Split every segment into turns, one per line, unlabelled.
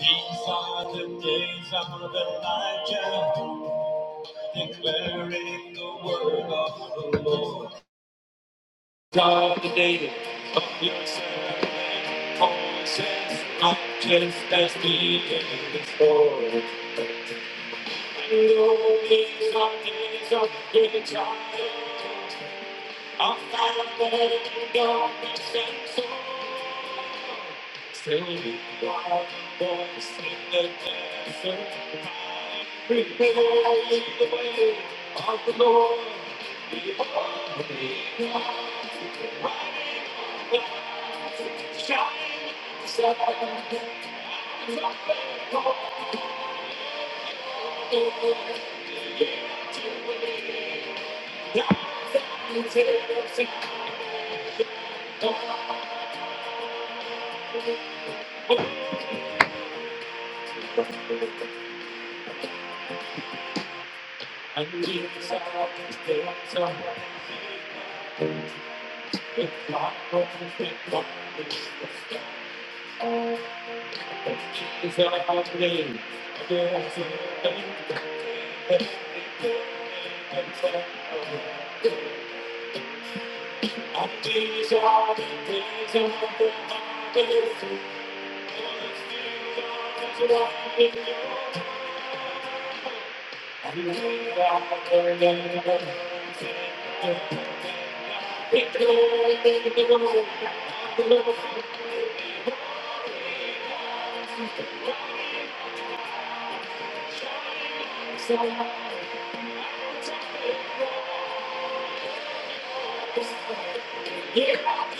These are the days of Elijah, declaring the word of the Lord. God the name of your servant, voices not just as beaten before. And though these are days of great trials, I'm not alone, don't be shameful. Still be wild, boys in the desert. Prepare the way of the Lord. We are the riding on the shining sun. His own light is his own. And Jesus is there to help. It's not Yeah.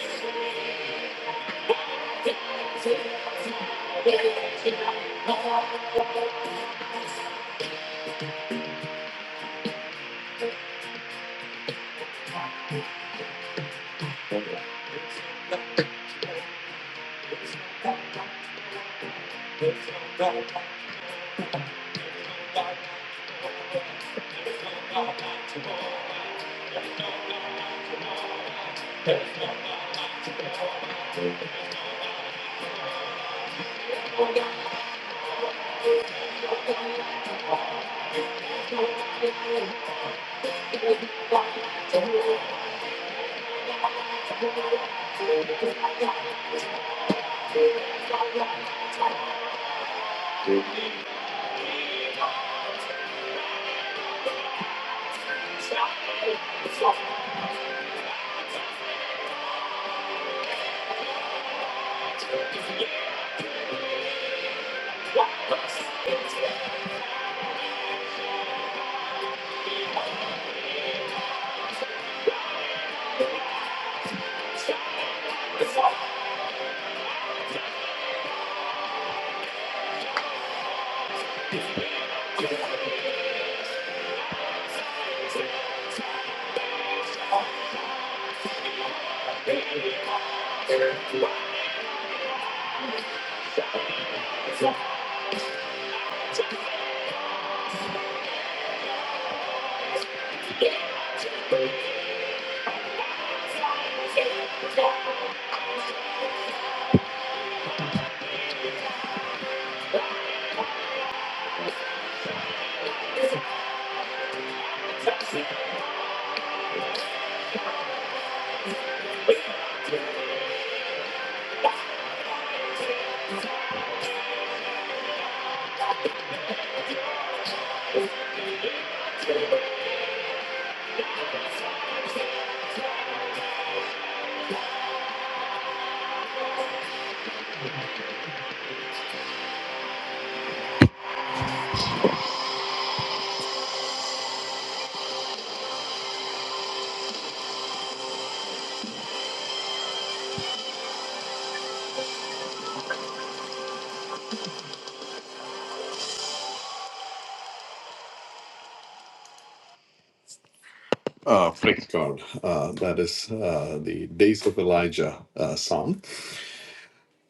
Oh, praise God. Uh, that is uh, the Days of Elijah uh, song.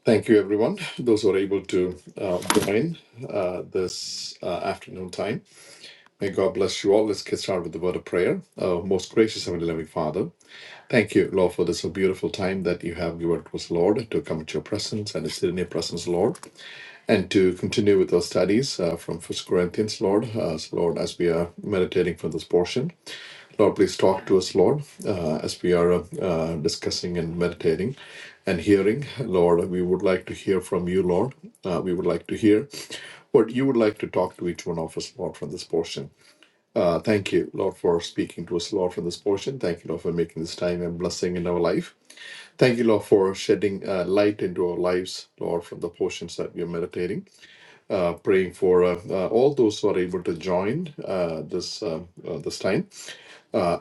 Thank you, everyone. Those who are able to uh, join uh, this uh, afternoon time. May God bless you all. Let's get started with the word of prayer. Uh, most gracious Heavenly Loving Father. Thank you, Lord, for this so beautiful time that you have given to us, Lord, to come to your presence and to sit in your presence, Lord, and to continue with our studies uh, from First Corinthians, Lord, uh, so, Lord, as we are meditating from this portion. Lord, please talk to us, Lord, uh, as we are uh, uh, discussing and meditating and hearing. Lord, we would like to hear from you, Lord. Uh, we would like to hear what you would like to talk to each one of us, Lord, from this portion. Uh, thank you, Lord, for speaking to us, Lord, for this portion. Thank you, Lord, for making this time a blessing in our life. Thank you, Lord, for shedding uh, light into our lives, Lord, from the portions that we are meditating. Uh, praying for uh, uh, all those who are able to join uh, this uh, uh, this time. Uh,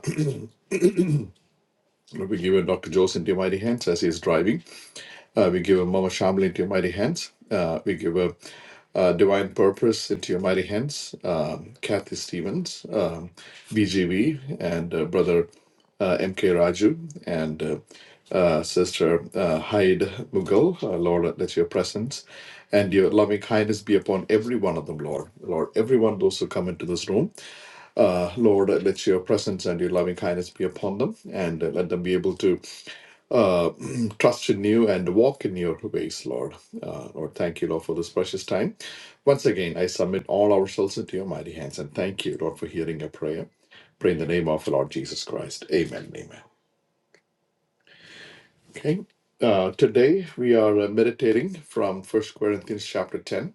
Lord, we give you Dr. Jose into your mighty hands as he is driving. Uh, we give a Mama Shamli into your mighty hands. Uh, we give a uh, Divine Purpose into your mighty hands. Um, Kathy Stevens, um, BGV, and uh, Brother uh, MK Raju, and uh, uh, Sister uh, Hyde Mughal. Uh, Lord, let your presence and your loving kindness be upon every one of them, Lord. Lord, everyone, those who come into this room, uh, Lord, let your presence and your loving kindness be upon them, and uh, let them be able to uh, trust in you and walk in your ways, Lord. Uh, Lord, thank you, Lord, for this precious time. Once again, I submit all ourselves into your mighty hands and thank you, Lord, for hearing your prayer. Pray in the name of the Lord Jesus Christ. Amen. Amen. Okay. Uh, today we are uh, meditating from First Corinthians chapter 10,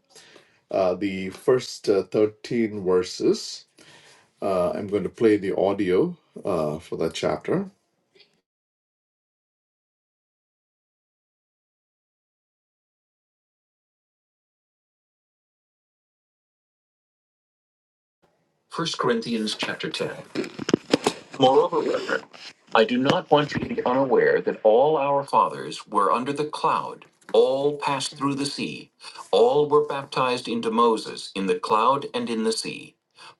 uh, the first uh, 13 verses. Uh, I'm going to play the audio uh, for that chapter. First Corinthians chapter 10. Moreover, brethren, I do not want you to be unaware that all our fathers were under the cloud, all passed through the sea, all were baptized into Moses in the cloud and in the sea,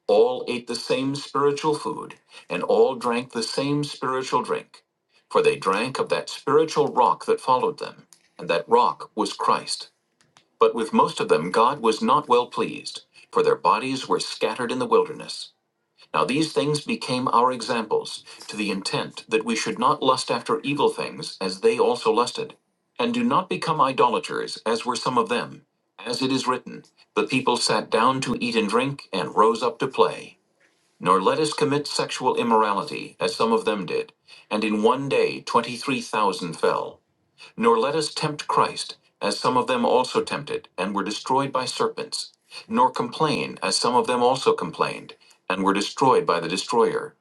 all ate the same spiritual food, and all drank the same spiritual drink. For they drank of that spiritual rock that followed them, and that rock was Christ. But with most of them God was not well pleased, for their bodies were scattered in the wilderness. Now these things became our examples, to the intent that we should not lust after evil things as they also lusted. And do not become idolaters, as were some of them. As it is written, the people sat down to eat and drink, and rose up to play. Nor let us commit sexual immorality, as some of them did. And in one day, 23,000 fell. Nor let us tempt Christ, as some of them also tempted, and were destroyed by serpents. Nor complain, as some of them also complained, and were destroyed by the destroyer.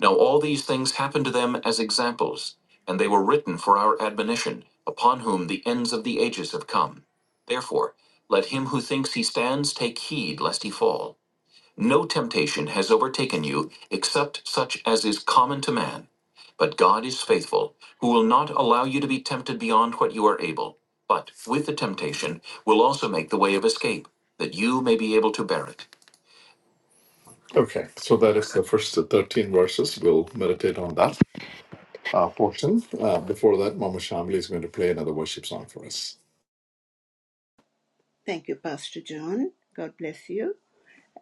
Now all these things happened to them as examples, and they were written for our admonition, upon whom the ends of the ages have come. Therefore, let him who thinks he stands take heed lest he fall. No temptation has overtaken you except such as is common to man. But God is faithful, who will not allow you to be tempted beyond what you are able, but with the temptation will also make the way of escape, that you may be able to bear it. Okay, so that is the first 13 verses. We'll meditate on that uh, portion. Uh, before that, Mama Shamli is going to play another worship song for us.
Thank you, Pastor John. God bless you.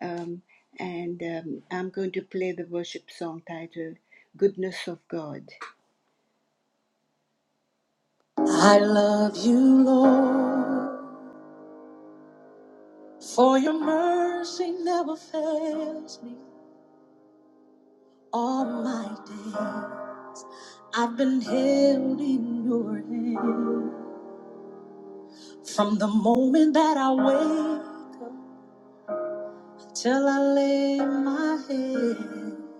Um, and um, I'm going to play the worship song titled Goodness of God. I love you, Lord, for your mercy never fails me all my day. I've been held in your hand from the moment that I wake up till I lay my head.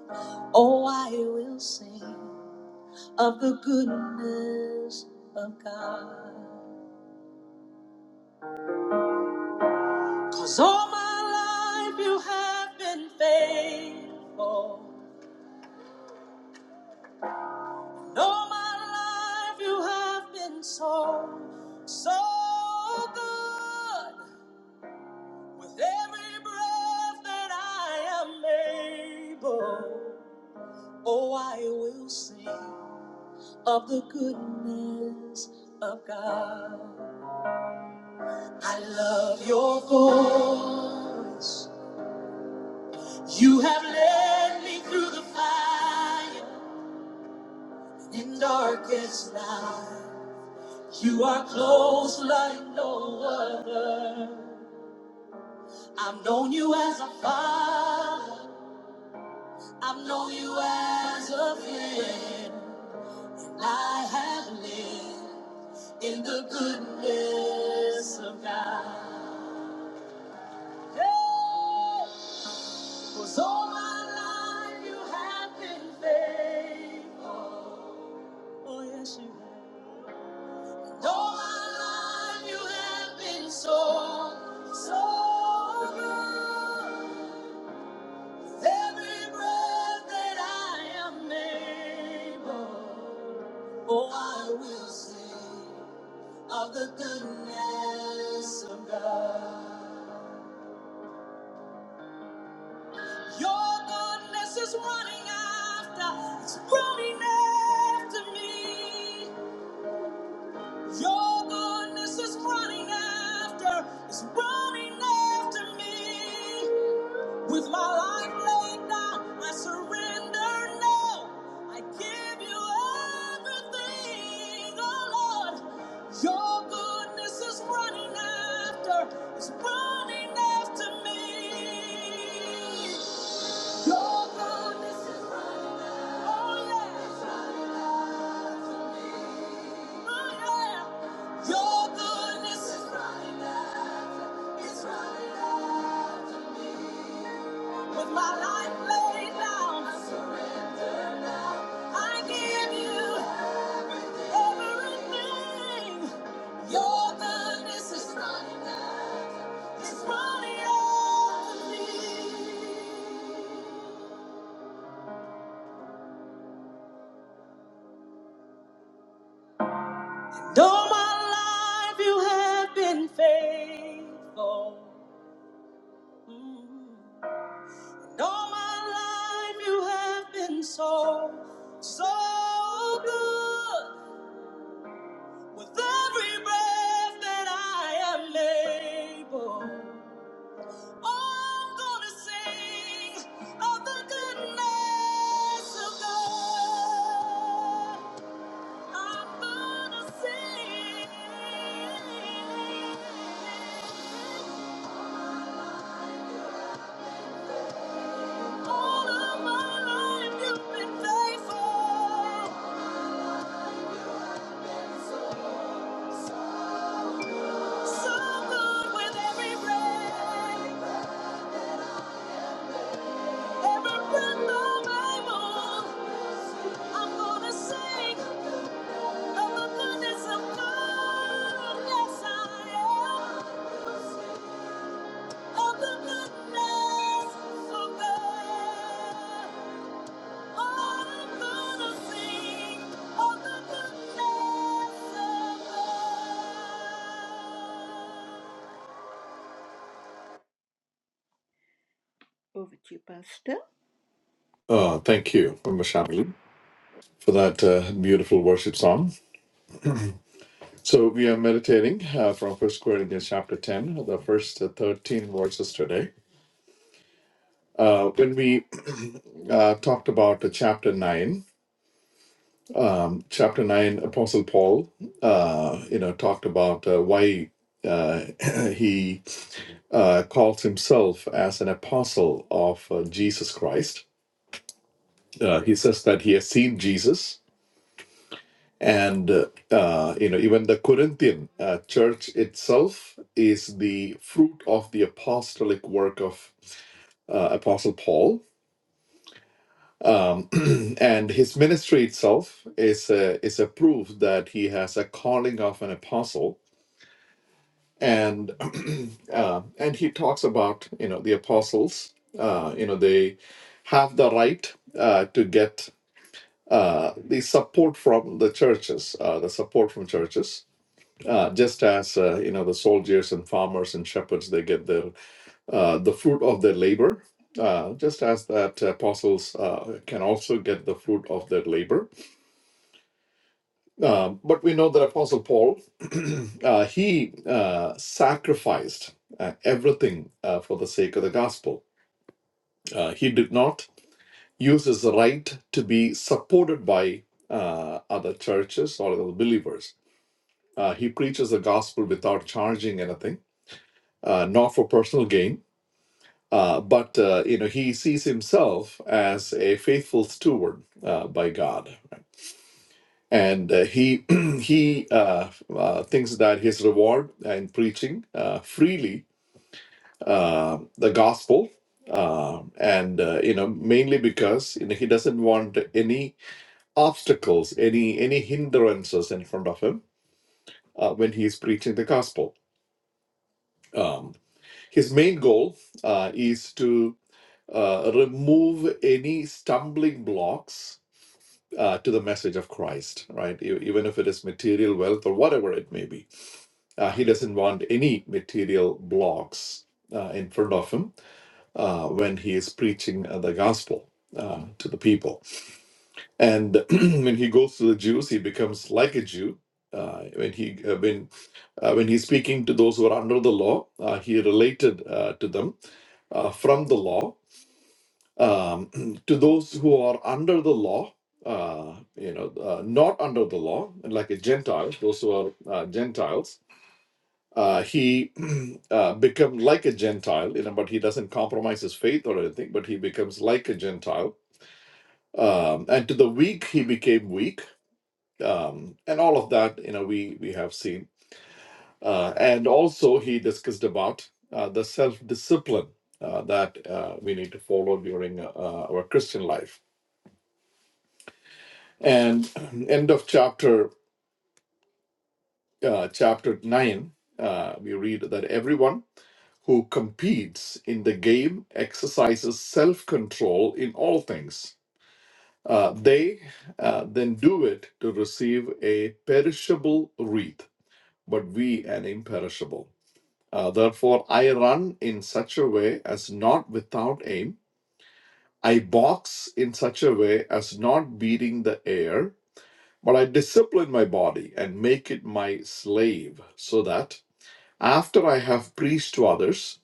Oh, I will sing of the goodness of God, 'cause all my life you have been faithful. And all my life you have been so, so good. With every breath that I am able, oh, I will sing of the goodness of God. I love your voice. You have led me through the fire and darkest night. You are close like no other. I've known you as a father. I've known you as a friend. I have lived in the goodness of God. Cause all my life you have been faithful. Oh, yes, you have. All my life you have been so, so good. With every breath that I am able, oh, I will sing of the goodness of God. Your goodness is running after, it's running after me. Your goodness is running after, it's running after me. With my life laid down, I surrender now. I give you everything, oh Lord. Your goodness is running after, it's running after me. Your goodness is running out. Oh, yeah. running out me. Oh, yeah. Your goodness is running out. It's running out me. With my life laid down, I surrender now. I give you everything. Your goodness is running out. It's running out to me. Though my life you have been faithful. Mm. Though my life you have been so, so good. With every breath that I am able, I'm gonna sing of the goodness of God. I'm gonna sing. All of my life you've been faithful. So good with every breath, every breath of my lungs. I'm gonna sing of the goodness of God. Yes, I am. Of the goodness of God. Over to you, Pastor.
Uh, thank you, Mama Shamli, for that uh, beautiful worship song. So we are meditating uh, from First Corinthians chapter ten, the first uh, thirteen verses today. Uh, when we uh, talked about uh, chapter nine, um, chapter nine, Apostle Paul, uh, you know, talked about uh, why uh, he uh, calls himself as an apostle of uh, Jesus Christ. Uh, he says that he has seen Jesus and uh, uh, you know even the corinthian uh, church itself is the fruit of the apostolic work of uh, apostle paul um, and his ministry itself is a, is a proof that he has a calling of an apostle and uh, and he talks about you know the apostles uh, you know they have the right uh, to get uh, the support from the churches uh, the support from churches uh, just as uh, you know the soldiers and farmers and shepherds they get the uh, the fruit of their labor uh, just as that apostles uh, can also get the fruit of their labor Um but we know that apostle paul uh, he uh, sacrificed uh, everything uh, for the sake of the gospel uh, he did not use his right to be supported by uh, other churches or other believers uh, he preaches the gospel without charging anything uh, not for personal gain. Uh, but uh, you know he sees himself as a faithful steward uh, by God, and uh, he he uh, uh, thinks that his reward in preaching uh, freely uh, the gospel, uh, and uh, you know mainly because you know he doesn't want any obstacles, any any hindrances in front of him uh, when he is preaching the gospel. Um, his main goal uh, is to uh, remove any stumbling blocks uh, to the message of Christ, right? E- Even if it is material wealth or whatever it may be, uh, he doesn't want any material blocks uh, in front of him uh, when he is preaching uh, the gospel uh, to the people. And when he goes to the Jews, he becomes like a Jew. Uh, when he uh, when uh, when he's speaking to those who are under the law, uh, he related uh, to them uh, from the law, um, to those who are under the law, uh, you know, uh, not under the law, and like a Gentile, those who are uh, Gentiles, uh, he uh, become like a Gentile, you know, but he doesn't compromise his faith or anything, but he becomes like a Gentile. Um, and to the weak, he became weak, um, and all of that, you know, we we have seen. Uh, and also, he discussed about uh, the self-discipline uh, that uh, we need to follow during uh, our Christian life And end of chapter uh, chapter nine, uh, we read that everyone who competes in the game exercises self control in all things. Uh, they uh, then do it to receive a perishable wreath, but we an imperishable. Uh, therefore, I run in such a way as not without aim. I box in such a way as not beating the air. But I discipline my body and make it my slave so that after I have preached to others,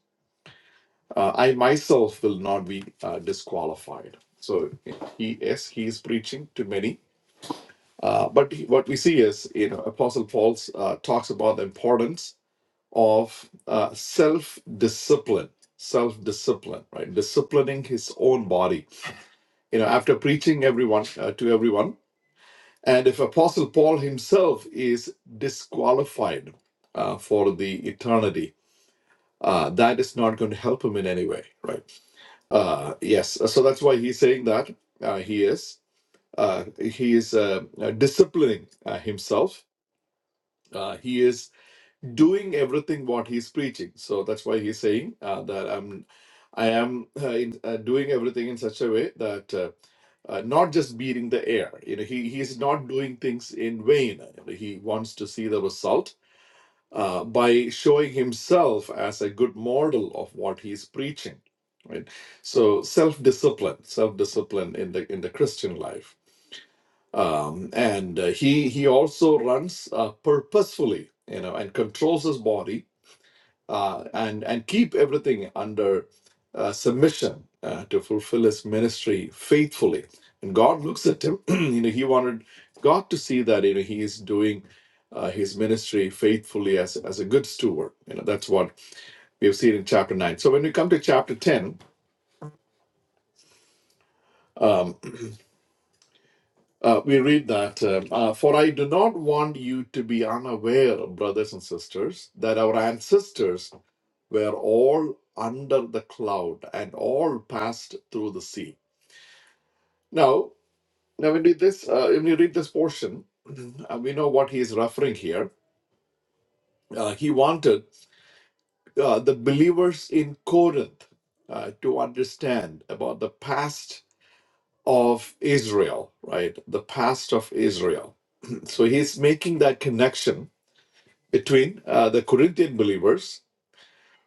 uh, I myself will not be uh, disqualified. So he yes, he is preaching to many. Uh, but he- what we see is, you know, Apostle Paul uh, talks about the importance of uh, self-discipline, self-discipline, right? Disciplining his own body. You know, after preaching everyone uh, to everyone, And if Apostle Paul himself is disqualified uh, for the eternity, uh, that is not going to help him in any way, right? Uh, yes, so that's why he's saying that uh, he is uh, he is uh, uh, disciplining uh, himself. Uh, he is doing everything what he's preaching. So that's why he's saying uh, that I'm, I am uh, in, uh, doing everything in such a way that uh, uh, not just beating the air. You know, he he's not doing things in vain. You know, he wants to see the result uh, by showing himself as a good model of what he's preaching. Right. So self-discipline, self-discipline in the in the Christian life. Um, and uh, he he also runs uh, purposefully, you know, and controls his body uh, and and keep everything under uh, submission uh, to fulfill his ministry faithfully. And God looks at him. you know, he wanted God to see that you know he is doing uh, his ministry faithfully as as a good steward. You know, that's what we have seen in chapter nine. So when we come to chapter ten. Um, uh, we read that, um, uh, for I do not want you to be unaware, brothers and sisters, that our ancestors were all under the cloud and all passed through the sea. Now, now when we this, uh, when you read this portion, uh, we know what he is referring here. Uh, he wanted uh, the believers in Corinth uh, to understand about the past of Israel, right? The past of Israel. so he's making that connection between uh, the Corinthian believers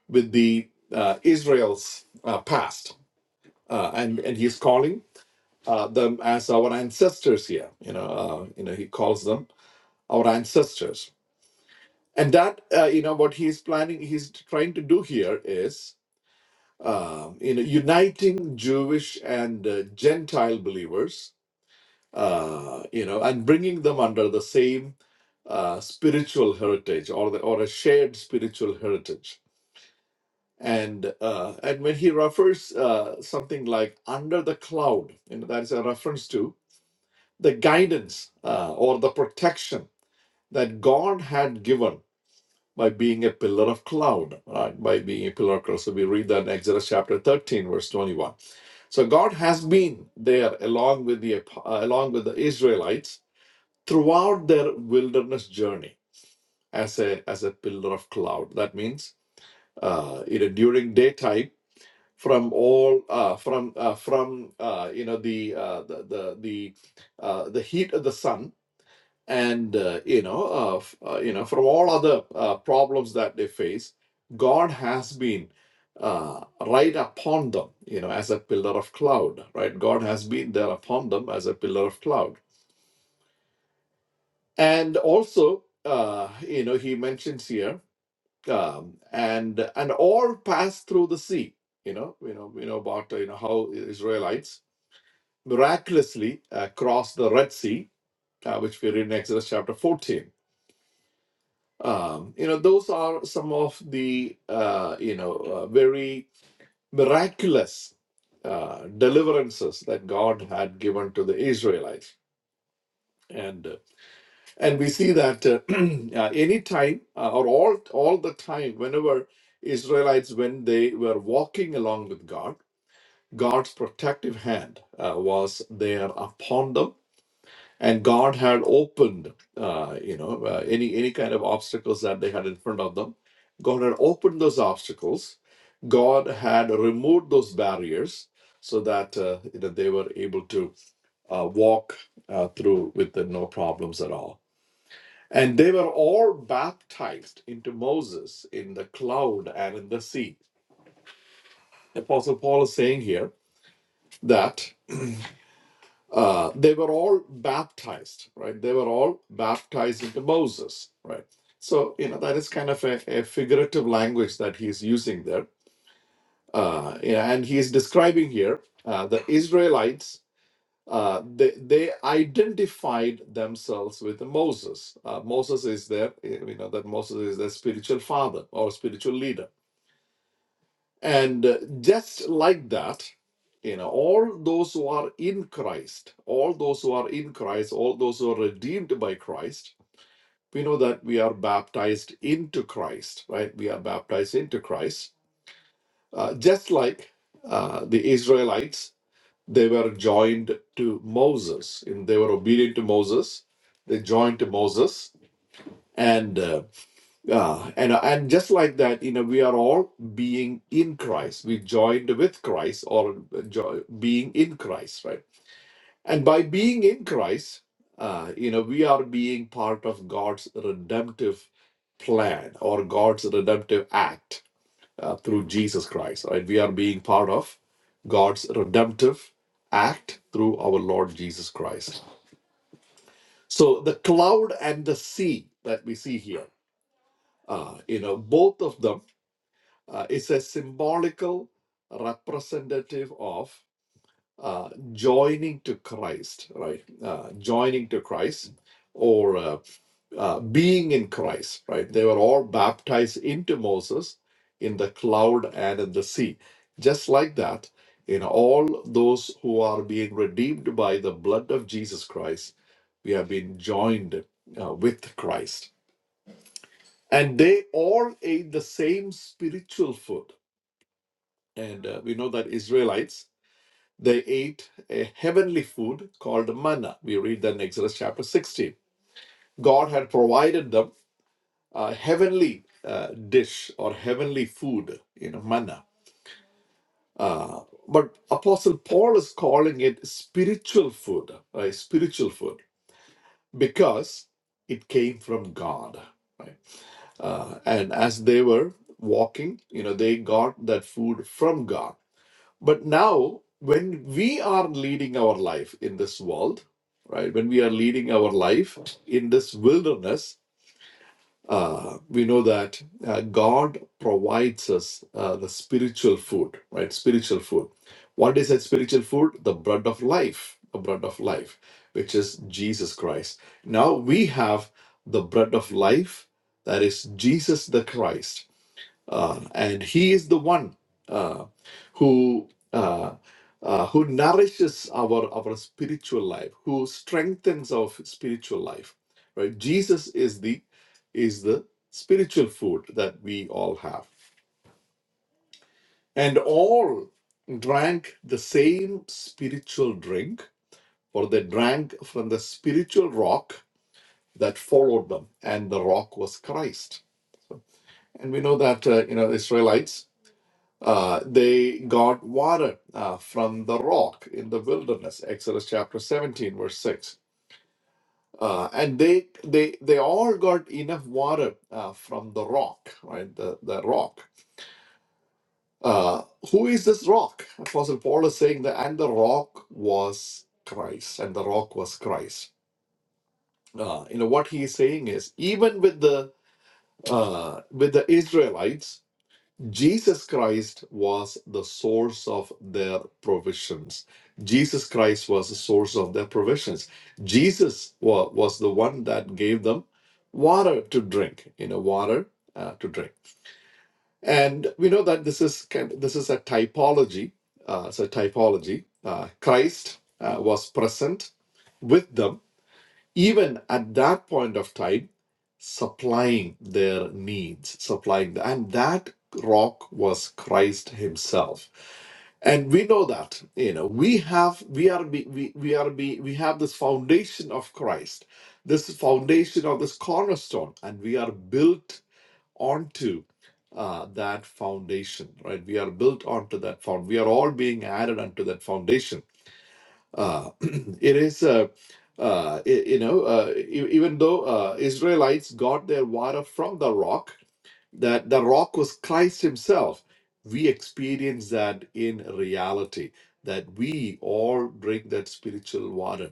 with the uh, Israel's uh, past, uh, and and he's calling uh, them as our ancestors here. You know, uh, you know, he calls them our ancestors, and that uh, you know what he's planning, he's trying to do here is um, you know uniting Jewish and uh, Gentile believers, uh, you know, and bringing them under the same uh, spiritual heritage or the, or a shared spiritual heritage. And uh, and when he refers uh, something like under the cloud, you know, that is a reference to the guidance uh, or the protection that God had given by being a pillar of cloud, right? By being a pillar of cloud. So we read that in Exodus chapter 13, verse 21. So God has been there along with the uh, along with the Israelites throughout their wilderness journey as a as a pillar of cloud. That means uh, you know during daytime from all uh, from uh, from uh, you know the, uh, the the the uh, the heat of the sun and uh, you know uh, uh, you know from all other uh, problems that they face god has been uh, right upon them you know as a pillar of cloud right god has been there upon them as a pillar of cloud and also uh, you know he mentions here um, and and all passed through the sea you know you know you know about uh, you know how israelites miraculously uh, crossed the red sea uh, which we read in exodus chapter 14 Um, you know, those are some of the, uh, you know, uh, very miraculous uh, deliverances that God had given to the Israelites. And uh, and we see that uh, uh, any time uh, or all all the time, whenever Israelites when they were walking along with God, God's protective hand uh, was there upon them and God had opened, uh, you know, uh, any any kind of obstacles that they had in front of them. God had opened those obstacles. God had removed those barriers so that uh, you know, they were able to uh, walk uh, through with uh, no problems at all. And they were all baptized into Moses in the cloud and in the sea. Apostle Paul is saying here that uh, they were all baptized, right? They were all baptized into Moses, right? So, you know, that is kind of a, a figurative language that he's using there. Uh, yeah, and he's describing here uh, the Israelites, uh, they, they identified themselves with Moses. Uh, Moses is their, you know, that Moses is their spiritual father or spiritual leader and uh, just like that, you know, all those who are in Christ, all those who are in Christ, all those who are redeemed by Christ, we know that we are baptized into Christ, right? We are baptized into Christ. Uh, just like uh, the Israelites, they were joined to Moses. And they were obedient to Moses. They joined to Moses. and. uh, uh, and and just like that, you know, we are all being in Christ. We joined with Christ, or jo- being in Christ, right? And by being in Christ, uh, you know, we are being part of God's redemptive plan or God's redemptive act uh, through Jesus Christ, right? We are being part of God's redemptive act through our Lord Jesus Christ. So the cloud and the sea that we see here, uh, you know, both of them uh, is a symbolical representative of uh, joining to Christ, right? Uh, joining to Christ or uh, uh, being in Christ, right? They were all baptized into Moses in the cloud and in the sea. Just like that, in all those who are being redeemed by the blood of Jesus Christ, we have been joined uh, with Christ. And they all ate the same spiritual food and uh, we know that Israelites they ate a heavenly food called manna. We read that in Exodus chapter 16. God had provided them a heavenly uh, dish or heavenly food, you know, manna. Uh, but Apostle Paul is calling it spiritual food, right? Spiritual food because it came from God, right? Uh, and as they were walking, you know, they got that food from God. But now, when we are leading our life in this world, right, when we are leading our life in this wilderness, uh, we know that uh, God provides us uh, the spiritual food, right? Spiritual food. What is that spiritual food? The bread of life, the bread of life, which is Jesus Christ. Now we have the bread of life, that is Jesus the Christ uh, and he is the one uh, who uh, uh, who nourishes our our spiritual life who strengthens our spiritual life right jesus is the is the spiritual food that we all have and all drank the same spiritual drink for they drank from the spiritual rock that followed them and the rock was christ and we know that uh, you know israelites Uh, they got water uh, from the rock in the wilderness, Exodus chapter 17, verse 6. Uh, and they they they all got enough water uh, from the rock, right? The the rock. Uh, who is this rock? Apostle Paul is saying that, and the rock was Christ, and the rock was Christ. Uh, you know what he is saying is even with the uh, with the Israelites, Jesus Christ was the source of their provisions. Jesus Christ was the source of their provisions. Jesus wa- was the one that gave them water to drink, you know, water uh, to drink. And we know that this is kind this is a typology. Uh, it's a typology. Uh, Christ uh, was present with them even at that point of time, supplying their needs, supplying the, and that rock was Christ Himself. And we know that, you know, we have, we are, be, we, we are, be, we have this foundation of Christ, this foundation of this cornerstone, and we are built onto uh, that foundation, right? We are built onto that found. We are all being added unto that foundation uh, it is, uh, uh, i- you know, uh, e- even though uh, Israelites got their water from the rock, that the rock was Christ Himself. We experience that in reality, that we all drink that spiritual water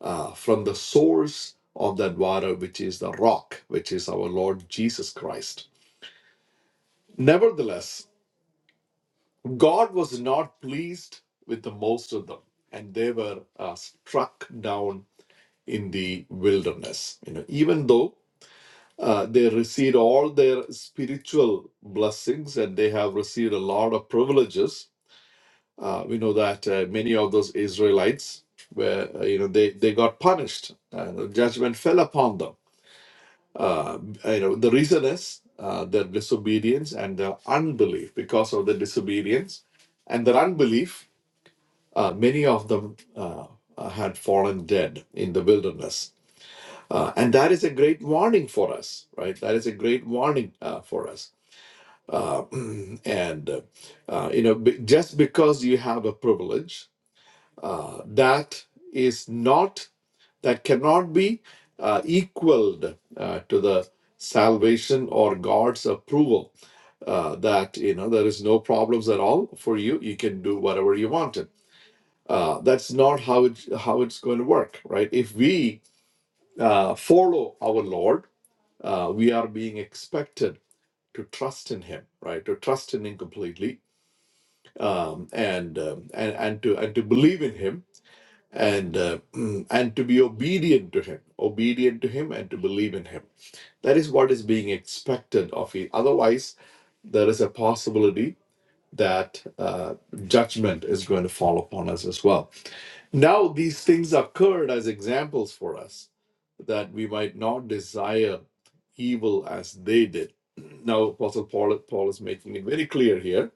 uh, from the source of that water, which is the rock, which is our Lord Jesus Christ. Nevertheless, God was not pleased with the most of them, and they were uh, struck down in the wilderness. You know, even though uh, they received all their spiritual blessings and they have received a lot of privileges, uh, we know that uh, many of those Israelites were, uh, you know, they they got punished. Uh, the judgment fell upon them. Uh, you know, the reason is uh, their disobedience and their unbelief. Because of the disobedience and their unbelief, uh, many of them uh, uh, had fallen dead in the wilderness Uh, and that is a great warning for us, right? That is a great warning uh, for us. Uh, and, uh, uh, you know, be- just because you have a privilege, uh, that is not, that cannot be uh, equaled uh, to the salvation or God's approval uh, that, you know, there is no problems at all for you. You can do whatever you wanted. Uh, that's not how it how it's going to work, right? If we uh, follow our Lord, uh, we are being expected to trust in him right to trust in him completely um, and, um, and and to and to believe in him and uh, and to be obedient to him obedient to him and to believe in him that is what is being expected of you otherwise there is a possibility that uh, judgment is going to fall upon us as well now these things occurred as examples for us that we might not desire evil as they did. Now Apostle Paul, Paul is making it very clear here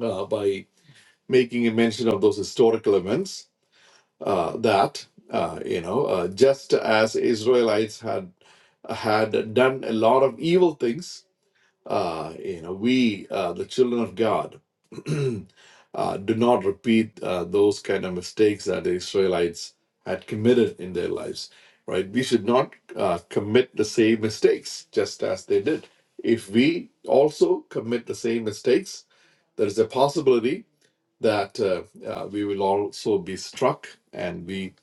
uh, by making a mention of those historical events uh, that uh, you know uh, just as Israelites had had done a lot of evil things uh, you know, we, uh, the children of God, uh, do not repeat uh, those kind of mistakes that the Israelites had committed in their lives, right? We should not uh, commit the same mistakes just as they did. If we also commit the same mistakes, there is a possibility that uh, uh, we will also be struck and we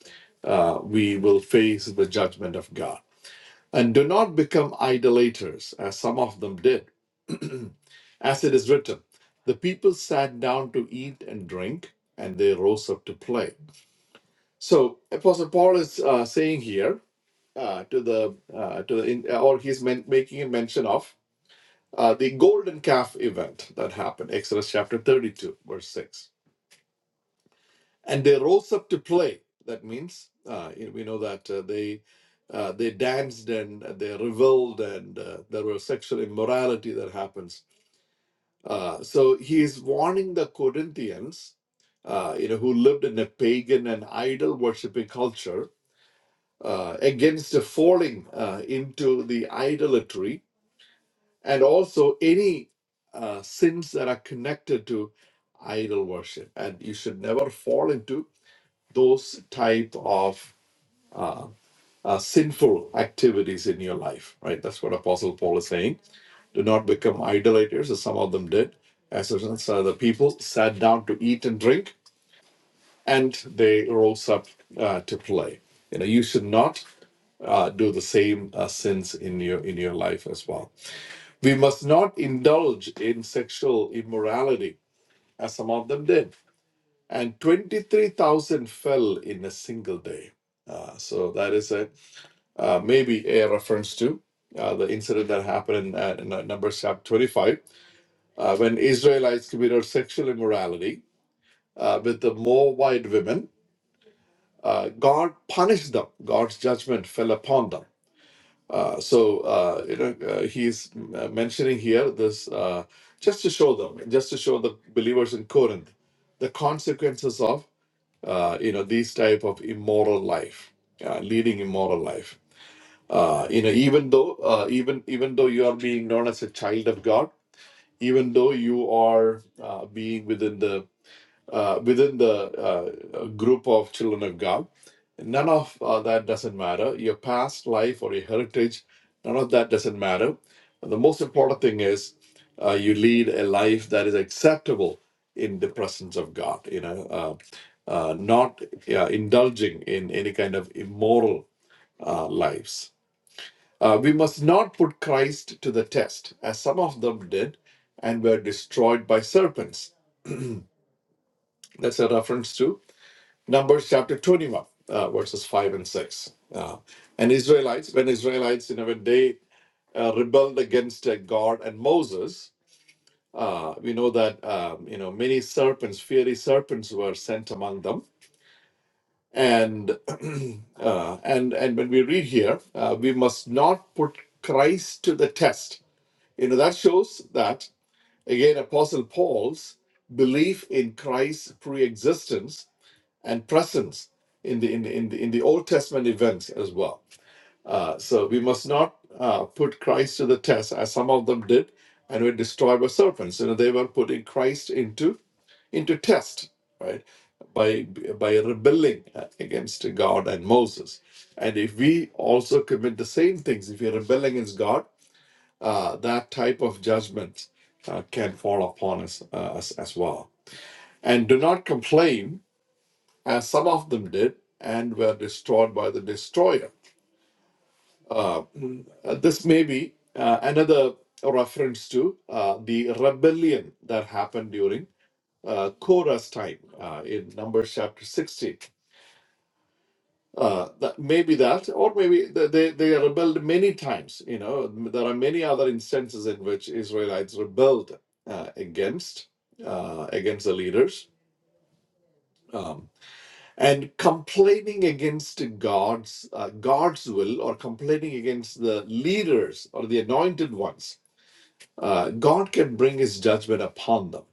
uh, we will face the judgment of God and do not become idolaters, as some of them did. as it is written, the people sat down to eat and drink, and they rose up to play. So Apostle Paul is uh, saying here uh, to the uh, to the in, or he's men- making a mention of uh, the golden calf event that happened, Exodus chapter thirty-two, verse six and they rose up to play. That means uh, you know, we know that uh, they uh, they danced and they reveled, and uh, there was sexual immorality that happens. Uh, so he is warning the Corinthians, uh, you know, who lived in a pagan and idol worshipping culture, uh, against falling uh, into the idolatry and also any uh, sins that are connected to idol worship. And you should never fall into those type of uh, sinful activities in your life, right? That's what Apostle Paul is saying. Do not become idolaters, as some of them did. As some other people sat down to eat and drink, and they rose up uh, to play. You know, you should not uh, do the same uh, sins in your in your life as well. We must not indulge in sexual immorality, as some of them did. And twenty three thousand fell in a single day. Uh, so that is a uh, maybe a reference to uh, the incident that happened in, uh, in uh, Numbers chapter 25 uh, when Israelites committed sexual immorality uh, with the Moabite women. Uh, God punished them, God's judgment fell upon them. Uh, so uh, you know uh, he's uh, mentioning here this uh, just to show them, just to show the believers in Corinth the consequences of uh, you know these type of immoral life, uh, leading immoral life. uh, you know even though uh, even even though you are being known as a child of god even though you are uh, being within the uh, within the uh, group of children of god none of uh, that doesn't matter your past life or your heritage none of that doesn't matter the most important thing is uh, you lead a life that is acceptable in the presence of god you know uh, uh, not uh, indulging in any kind of immoral uh, lives uh, we must not put Christ to the test, as some of them did and were destroyed by serpents. That's a reference to Numbers chapter 21, uh, verses 5 and 6. Uh, and Israelites, when Israelites, you know, when they uh, rebelled against uh, God and Moses, uh, we know that, um, you know, many serpents, fiery serpents were sent among them. And uh, and and when we read here, uh, we must not put Christ to the test. You know that shows that Again, Apostle Paul's belief in Christ's pre-existence and presence in the in the, in the, in the Old Testament events as well. Uh, so we must not uh, put Christ to the test, as some of them did, and were destroyed by serpents. You know, they were putting Christ into into test, right? By by rebelling uh, against God and Moses, and if we also commit the same things, if we rebel against God, uh, that type of judgment uh, can fall upon us uh, as, as well. And do not complain, as some of them did, and were destroyed by the destroyer. Uh, mm, uh, this may be uh, another reference to uh, the rebellion that happened during uh, Korah's time uh, in Numbers chapter 16. uh, that maybe that, or maybe th- they they rebelled many times. You know, there are many other instances in which Israelites rebelled uh, against uh, against the leaders um, and complaining against God's uh, God's will or complaining against the leaders or the anointed ones. Uh, God can bring His judgment upon them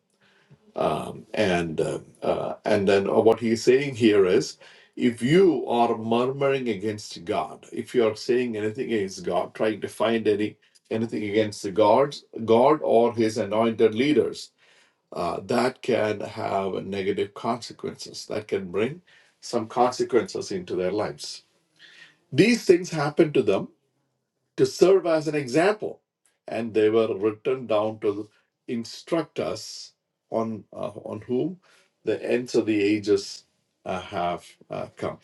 um, and uh, uh, and then what he's saying here is, if you are murmuring against God, if you are saying anything against God, trying to find any anything against the gods, God or His anointed leaders, uh, that can have negative consequences. That can bring some consequences into their lives. These things happen to them to serve as an example. And they were written down to instruct us on uh, on whom the ends of the ages uh, have uh, come.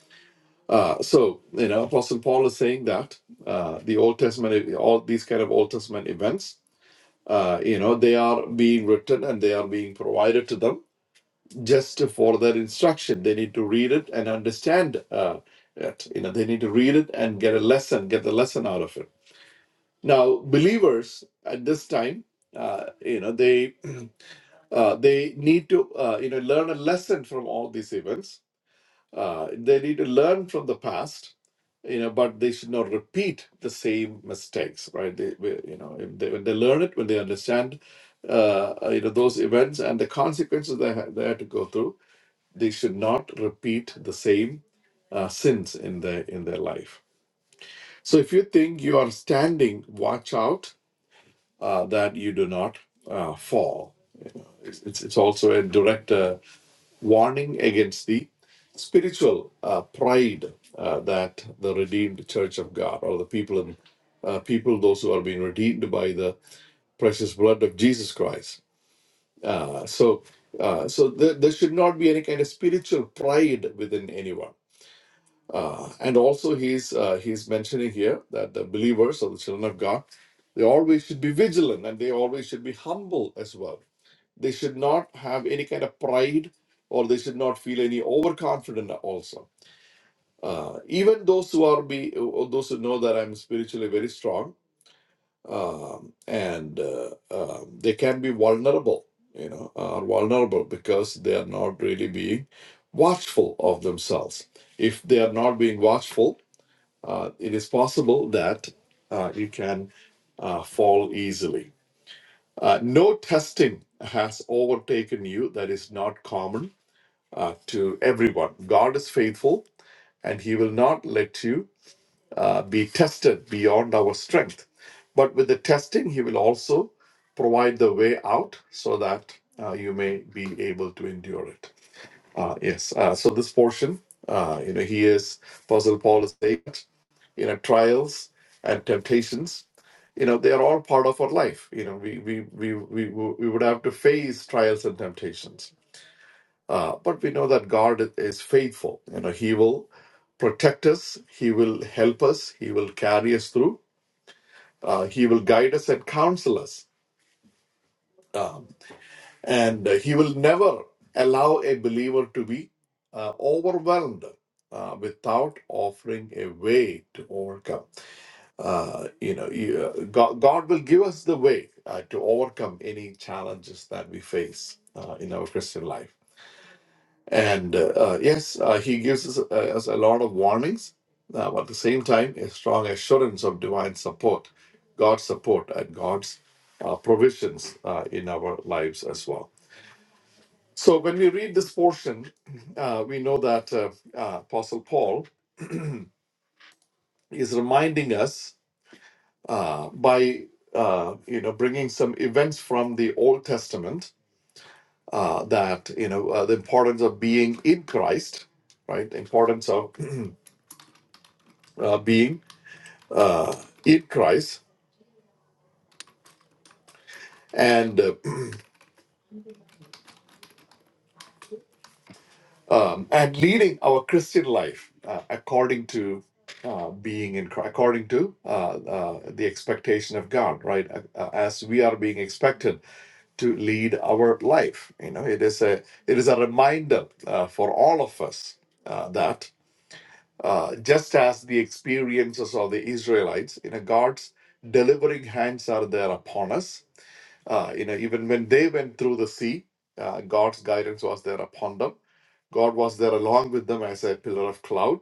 Uh, so you know, Apostle Paul is saying that uh, the Old Testament, all these kind of Old Testament events, uh, you know, they are being written and they are being provided to them just for their instruction. They need to read it and understand uh, it. You know, they need to read it and get a lesson, get the lesson out of it now, believers at this time, uh, you know, they uh, they need to uh, you know learn a lesson from all these events. Uh, they need to learn from the past, you know, but they should not repeat the same mistakes, right? They, we- you know, if they, when they learn it, when they understand, uh, uh, you know, those events and the consequences they had, they had to go through, they should not repeat the same uh, sins in their in their life. So, if you think you are standing, watch out uh, that you do not uh, fall. It's, it's, it's also a direct uh, warning against the spiritual uh, pride uh, that the redeemed church of God or the people in uh, people those who are being redeemed by the precious blood of Jesus Christ. Uh, so uh, so there, there should not be any kind of spiritual pride within anyone uh, and also, he's uh, he's mentioning here that the believers or the children of God, they always should be vigilant and they always should be humble as well. They should not have any kind of pride, or they should not feel any overconfident. Also, uh, even those who are be uh, those who know that I'm spiritually very strong, um, and uh, um they can be vulnerable. You know, are vulnerable because they are not really being watchful of themselves. If they are not being watchful uh, it is possible that uh, you can uh, fall easily. Uh, no testing has overtaken you that is not common uh, to everyone. God is faithful and He will not let you uh, be tested beyond our strength. But with the testing, He will also provide the way out so that uh, you may be able to endure it. Uh, yes, uh, so this portion, uh, you know, he is, Apostle Paul is saying you know trials and temptations you know they are all part of our life you know we we we we, we would have to face trials and temptations uh, but we know that god is faithful you know he will protect us he will help us he will carry us through uh, he will guide us and counsel us um, and uh, he will never allow a believer to be uh, overwhelmed uh, without offering a way to overcome uh, you know, you, uh, God, God will give us the way uh, to overcome any challenges that we face uh, in our Christian life. And uh, uh, yes, uh, He gives us, uh, us a lot of warnings, uh, but at the same time, a strong assurance of divine support, God's support, and God's uh, provisions uh, in our lives as well. So when we read this portion, uh, we know that uh, uh, Apostle Paul is reminding us uh, by uh, you know bringing some events from the Old Testament uh, that you know uh, the importance of being in Christ, right? The importance of uh, being uh, in Christ and uh, um, and leading our Christian life uh, according to. Uh, being in Christ, according to uh, uh, the expectation of God, right? Uh, uh, as we are being expected to lead our life. You know, it is a it is a reminder uh, for all of us uh, that uh, just as the experiences of the Israelites, you know, God's delivering hands are there upon us. Uh, you know, even when they went through the sea, uh, God's guidance was there upon them. God was there along with them as a pillar of cloud.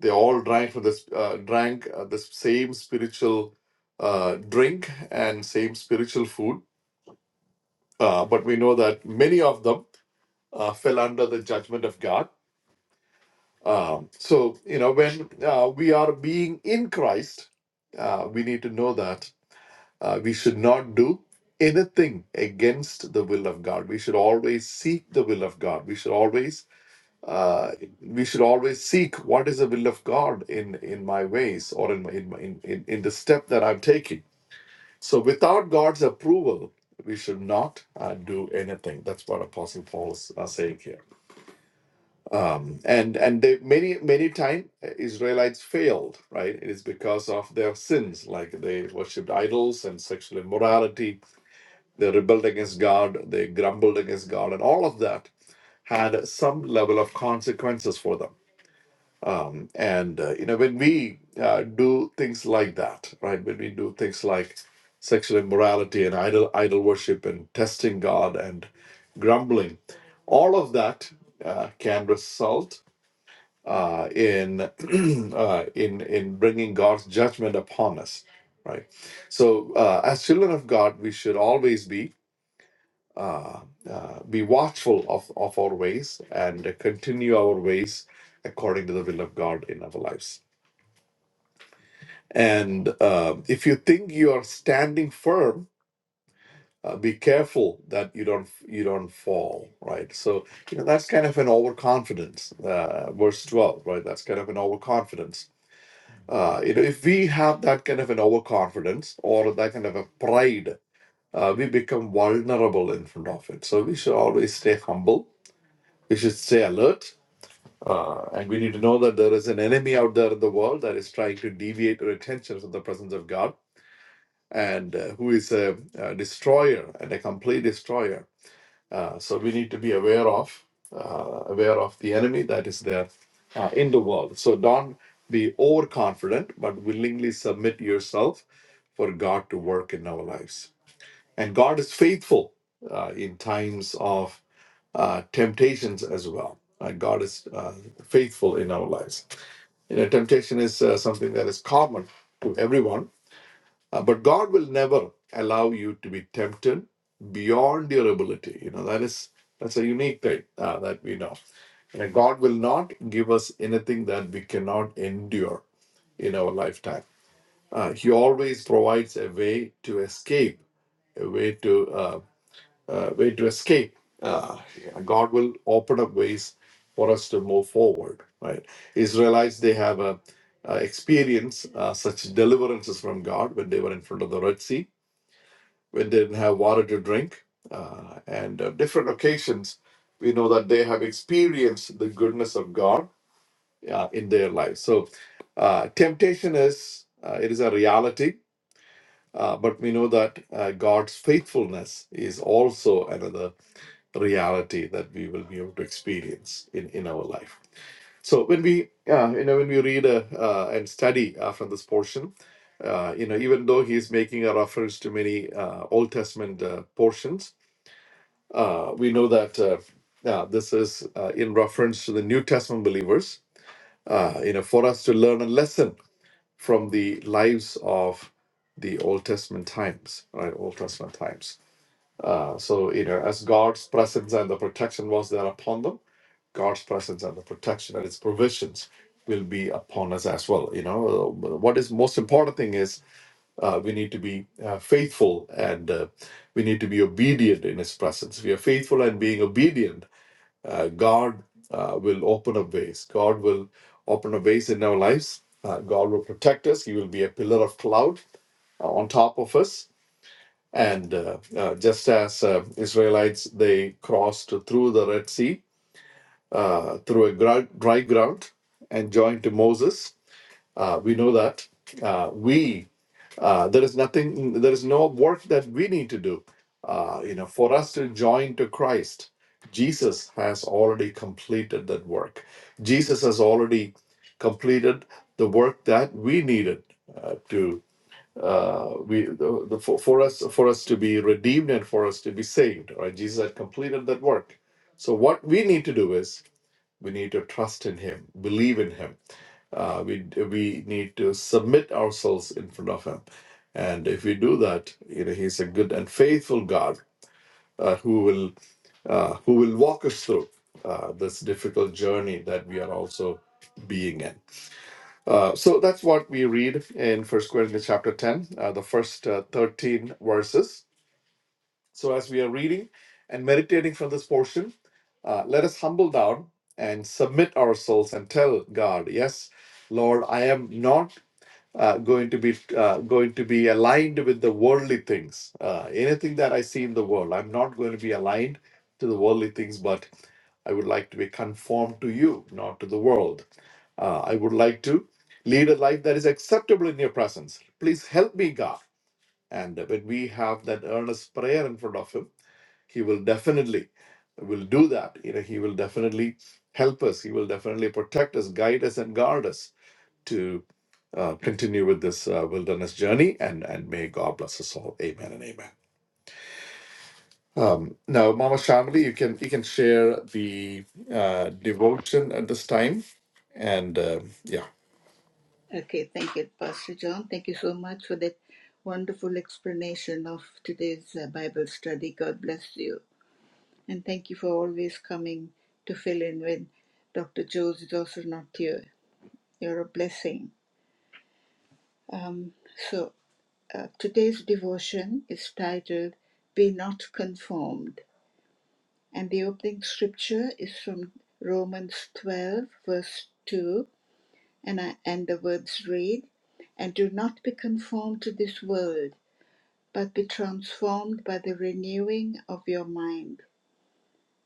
They all drank from this, uh, drank uh, the same spiritual uh, drink and same spiritual food uh, but we know that many of them uh, fell under the judgment of God. Um, so, you know, when uh, we are being in Christ, uh, we need to know that uh, we should not do anything against the will of God. We should always seek the will of God. We should always uh, we should always seek what is the will of God in in my ways or in my- in my- in in, in the step that I'm taking so without God's approval, we should not uh, do anything. That's what Apostle Paul is uh, saying here. Um, and and they, many many time uh, Israelites failed. Right, it is because of their sins, like they worshipped idols and sexual immorality. They rebelled against God. They grumbled against God, and all of that had some level of consequences for them. Um, and uh, you know, when we uh, do things like that, right? When we do things like sexual immorality and idol idol worship and testing God and grumbling, all of that uh, can result uh, in uh, in in bringing God's judgment upon us, right? So, uh, as children of God, we should always be uh, uh, be watchful of of our ways and continue our ways according to the will of God in our lives. And uh, if you think you are standing firm, uh, be careful that you don't you don't fall, right? So you know that's kind of an overconfidence, uh, verse twelve, right? That's kind of an overconfidence. Uh, you know, if we have that kind of an overconfidence or that kind of a pride, uh, we become vulnerable in front of it. So we should always stay humble. We should stay alert. Uh, and we need to know that there is an enemy out there in the world that is trying to deviate our attention from the presence of God and uh, who is a, a destroyer and a complete destroyer. Uh, so we need to be aware of uh, aware of the enemy that is there uh, in the world. So don't be overconfident, but willingly submit yourself for God to work in our lives. And God is faithful uh, in times of uh, temptations as well. Uh, God is uh, faithful in our lives. You know, temptation is uh, something that is common to everyone uh, but God will never allow you to be tempted beyond your ability. You know that is that's a unique thing uh, that we know. You know, God will not give us anything that we cannot endure in our lifetime. Uh, he always provides a way to escape, a way to uh, uh, way to escape. Uh, yeah, God will open up ways for us to move forward. Right? Israelites they have a uh, experience uh, such deliverances from God when they were in front of the Red Sea when they didn't have water to drink. Uh, and uh, different occasions, we know that they have experienced the goodness of God uh, in their lives. So, uh, temptation is uh, it is a reality, uh, but we know that uh, God's faithfulness is also another reality that we will be able to experience in, in our life. So when we uh, you know when we read uh, uh, and study uh, from this portion, uh, you know even though he's making a reference to many uh, Old Testament uh, portions, uh, we know that uh, uh, this is uh, in reference to the New Testament believers, uh, you know, for us to learn a lesson from the lives of the Old Testament times, right? Old Testament times. Uh, so, you know, as God's presence and the protection was there upon them, God's presence and the protection and its provisions will be upon us as well. You know, Uh, what is most important thing is uh, we need to be uh, faithful and uh, we need to be obedient in His presence. We are faithful and being obedient. Uh, God uh, will open up ways. God will open up ways in our lives. Uh, God will protect us. He will be a pillar of cloud uh, on top of us. And uh, uh, just as uh, Israelites, they crossed through the Red Sea, uh, through a gr- dry ground, and joined to Moses. Uh, we know that. Uh, we uh, there is nothing, there is no work that we need to do. Uh, you know, for us to join to Christ, Jesus has already completed that work. Jesus has already completed the work that we needed uh, to uh, we the, the, for, for us for us to be redeemed and for us to be saved. Right? Jesus had completed that work. So what we need to do is we need to trust in Him, believe in Him. Uh, we we need to submit ourselves in front of Him, and if we do that, you know, He's a good and faithful God uh, who will uh, who will walk us through uh, this difficult journey that we are also being in. Uh, so that's what we read in First Corinthians chapter ten, uh, the first uh, thirteen verses so, as we are reading and meditating from this portion, uh, let us humble down and submit our souls and tell God, "Yes, Lord, I am not uh, going to be uh, going to be aligned with the worldly things. Uh, anything that I see in the world, I'm not going to be aligned to the worldly things, but I would like to be conformed to you, not to the world. Uh, I would like to lead a life that is acceptable in your presence. Please help me, God." And when we have that earnest prayer in front of Him he will definitely will do that you know he will definitely help us he will definitely protect us guide us and guard us to uh, continue with this uh, wilderness journey and and may god bless us all amen and amen um, now mama shamli you can you can share the uh, devotion at this time and uh, yeah
Okay, thank you, Pastor John. Thank you so much for that wonderful explanation of today's uh, Bible study. God bless you. And thank you for always coming to fill in when Dr. Jones is also not here. You're a blessing. Um, so, uh, today's devotion is titled Be Not Conformed. And the opening scripture is from Romans 12, verse 2, and, I, and the words read, And do not be conformed to this world, but be transformed by the renewing of your mind,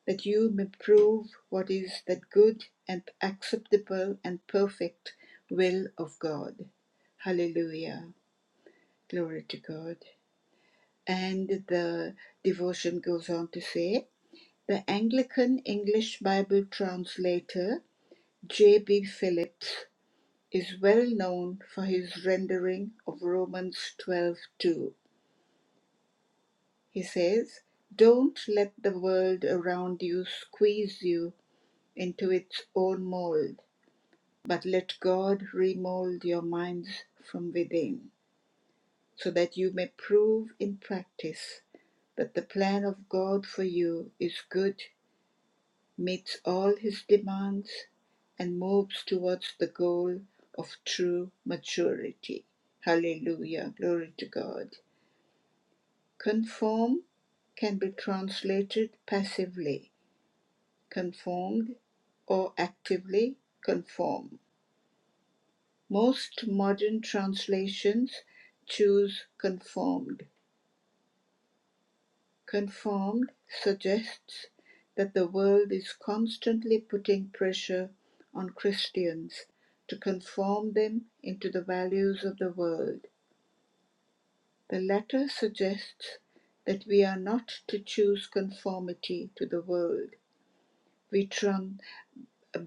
that you may prove what is that good and acceptable and perfect will of God. Hallelujah. Glory to God. And the devotion goes on to say, the Anglican English Bible translator J.B. Phillips is well known for his rendering of Romans 12:2. He says, "Don't let the world around you squeeze you into its own mold, but let God remold your minds from within, so that you may prove in practice that the plan of God for you is good, meets all his demands, and moves towards the goal of true maturity. Hallelujah. Glory to God. Conform can be translated passively, conformed, or actively conform. Most modern translations choose conformed Conformed suggests that the world is constantly putting pressure on Christians to conform them into the values of the world. The latter suggests that we are not to choose conformity to the world. We tran-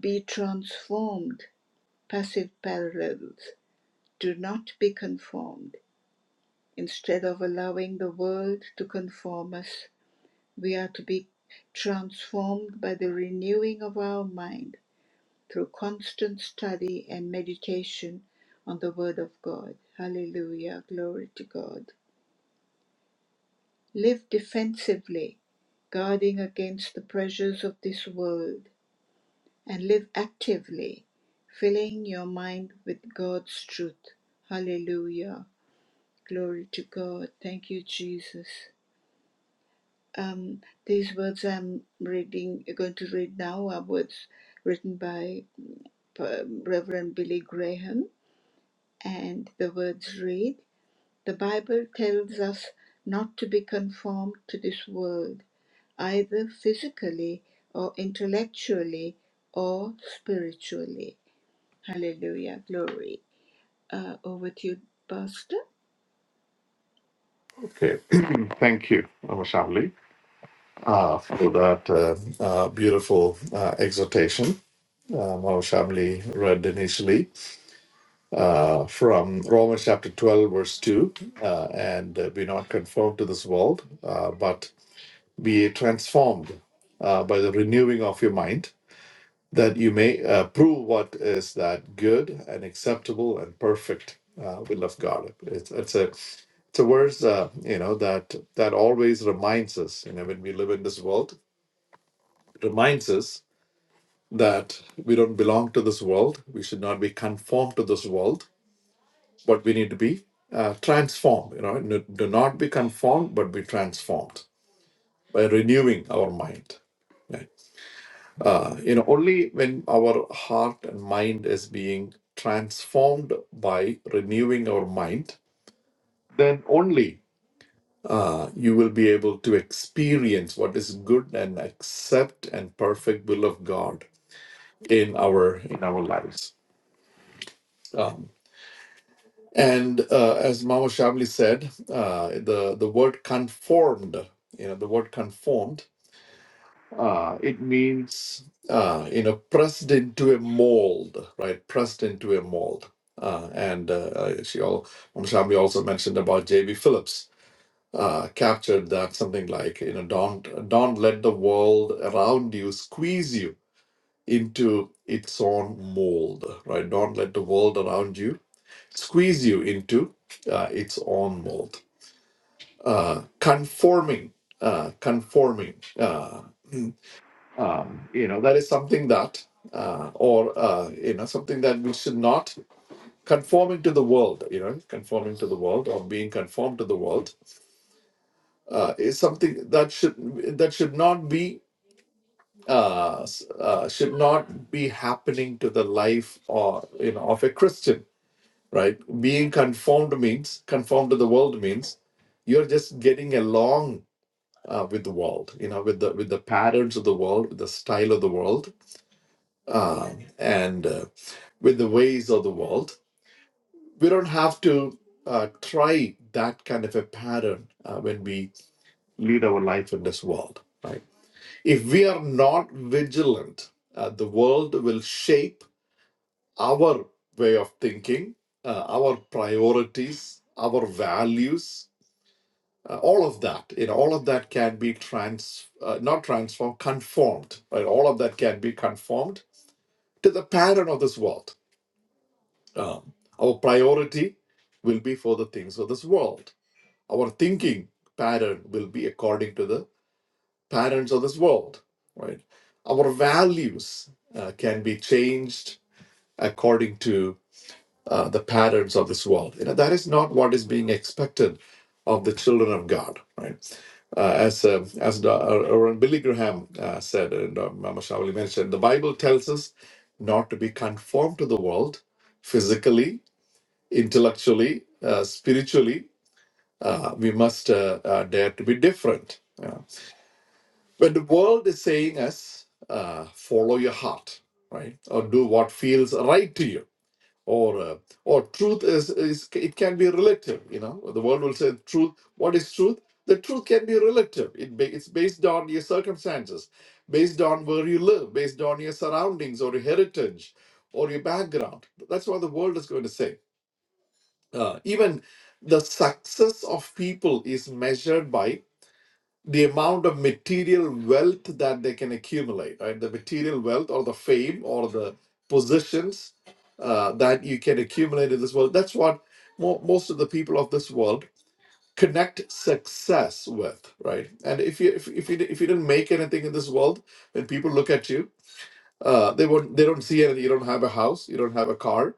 be transformed, passive parallels, do not be conformed, instead of allowing the world to conform us We are to be transformed by the renewing of our mind through constant study and meditation on the Word of God. Hallelujah. Glory to God. Live defensively, guarding against the pressures of this world, and live actively, filling your mind with God's truth. Hallelujah. Glory to God. Thank you, Jesus. Um, these words I'm reading, going to read now, are words written by um, Reverend Billy Graham, and the words read The Bible tells us not to be conformed to this world, either physically or intellectually or spiritually. Hallelujah. Glory. Uh, over to you, Pastor.
okay thank you mama shamli uh, for that uh, uh, beautiful uh, exhortation uh, mama shamli read initially uh, from Romans chapter 12, verse 2. Uh, and uh, be not conformed to this world, uh, but be transformed uh, by the renewing of your mind, that you may uh, prove what is that good and acceptable and perfect uh, will of God. It's, it's a it's a verse uh, you know that that always reminds us you know when we live in this world it reminds us that we don't belong to this world we should not be conformed to this world but we need to be uh, transformed. You know, n- do not be conformed, but be transformed by renewing our mind. Right? Uh, you know, only when our heart and mind is being transformed by renewing our mind, then only uh, you will be able to experience what is good and accept and perfect will of God in our in our lives. Um, And uh, as Mama Shabli said, uh, the the word conformed, you know, the word conformed, uh, it means uh, you know pressed into a mold, right? Pressed into a mold. Uh, and uh, uh, she all Mama Shabli also mentioned about J.B. Phillips uh, captured that something like you know don't don't let the world around you squeeze you into its own mold, right? Don't let the world around you squeeze you into uh, its own mold, uh, conforming, uh, conforming. Uh, um, you know that is something that, uh, or uh, you know something that we should not conforming to the world. You know, conforming to the world or being conformed to the world uh, is something that should that should not be uh, s- uh, should not be happening to the life or you know of a Christian right? Being conformed means conformed to the world means you're just getting along uh, with the world, you know, with the with the patterns of the world, with the style of the world, um, and uh, with the ways of the world. We don't have to uh, try that kind of a pattern uh, when we lead our life in this world, right? If we are not vigilant, uh, the world will shape our way of thinking, uh, our priorities, our values, uh, all of that you know all of that can be trans uh, not transformed conformed right all of that can be conformed to the pattern of this world um, our priority will be for the things of this world our thinking pattern will be according to the patterns of this world right our values uh, can be changed according to uh, the patterns of this world. You know, that is not what is being expected of the children of God, right? Uh, as uh, as the, uh, uh, Billy Graham uh, said, and uh, Mama Shavali mentioned, the Bible tells us not to be conformed to the world physically, intellectually, uh, spiritually. Uh, we must uh, uh, dare to be different. yeah. When the world is saying us, uh, follow your heart, right? Or do what feels right to you or uh, or truth is, is it can be relative you know the world will say truth what is truth the truth can be relative it ba- it's based on your circumstances based on where you live based on your surroundings or your heritage or your background that's what the world is going to say Uh, even the success of people is measured by the amount of material wealth that they can accumulate, right? The material wealth or the fame or the positions uh, that you can accumulate in this world. That's what mo- most of the people of this world connect success with, right? And if you if, if you if you didn't make anything in this world, when people look at you, uh, they won't they don't see anything. You don't have a house, you don't have a car,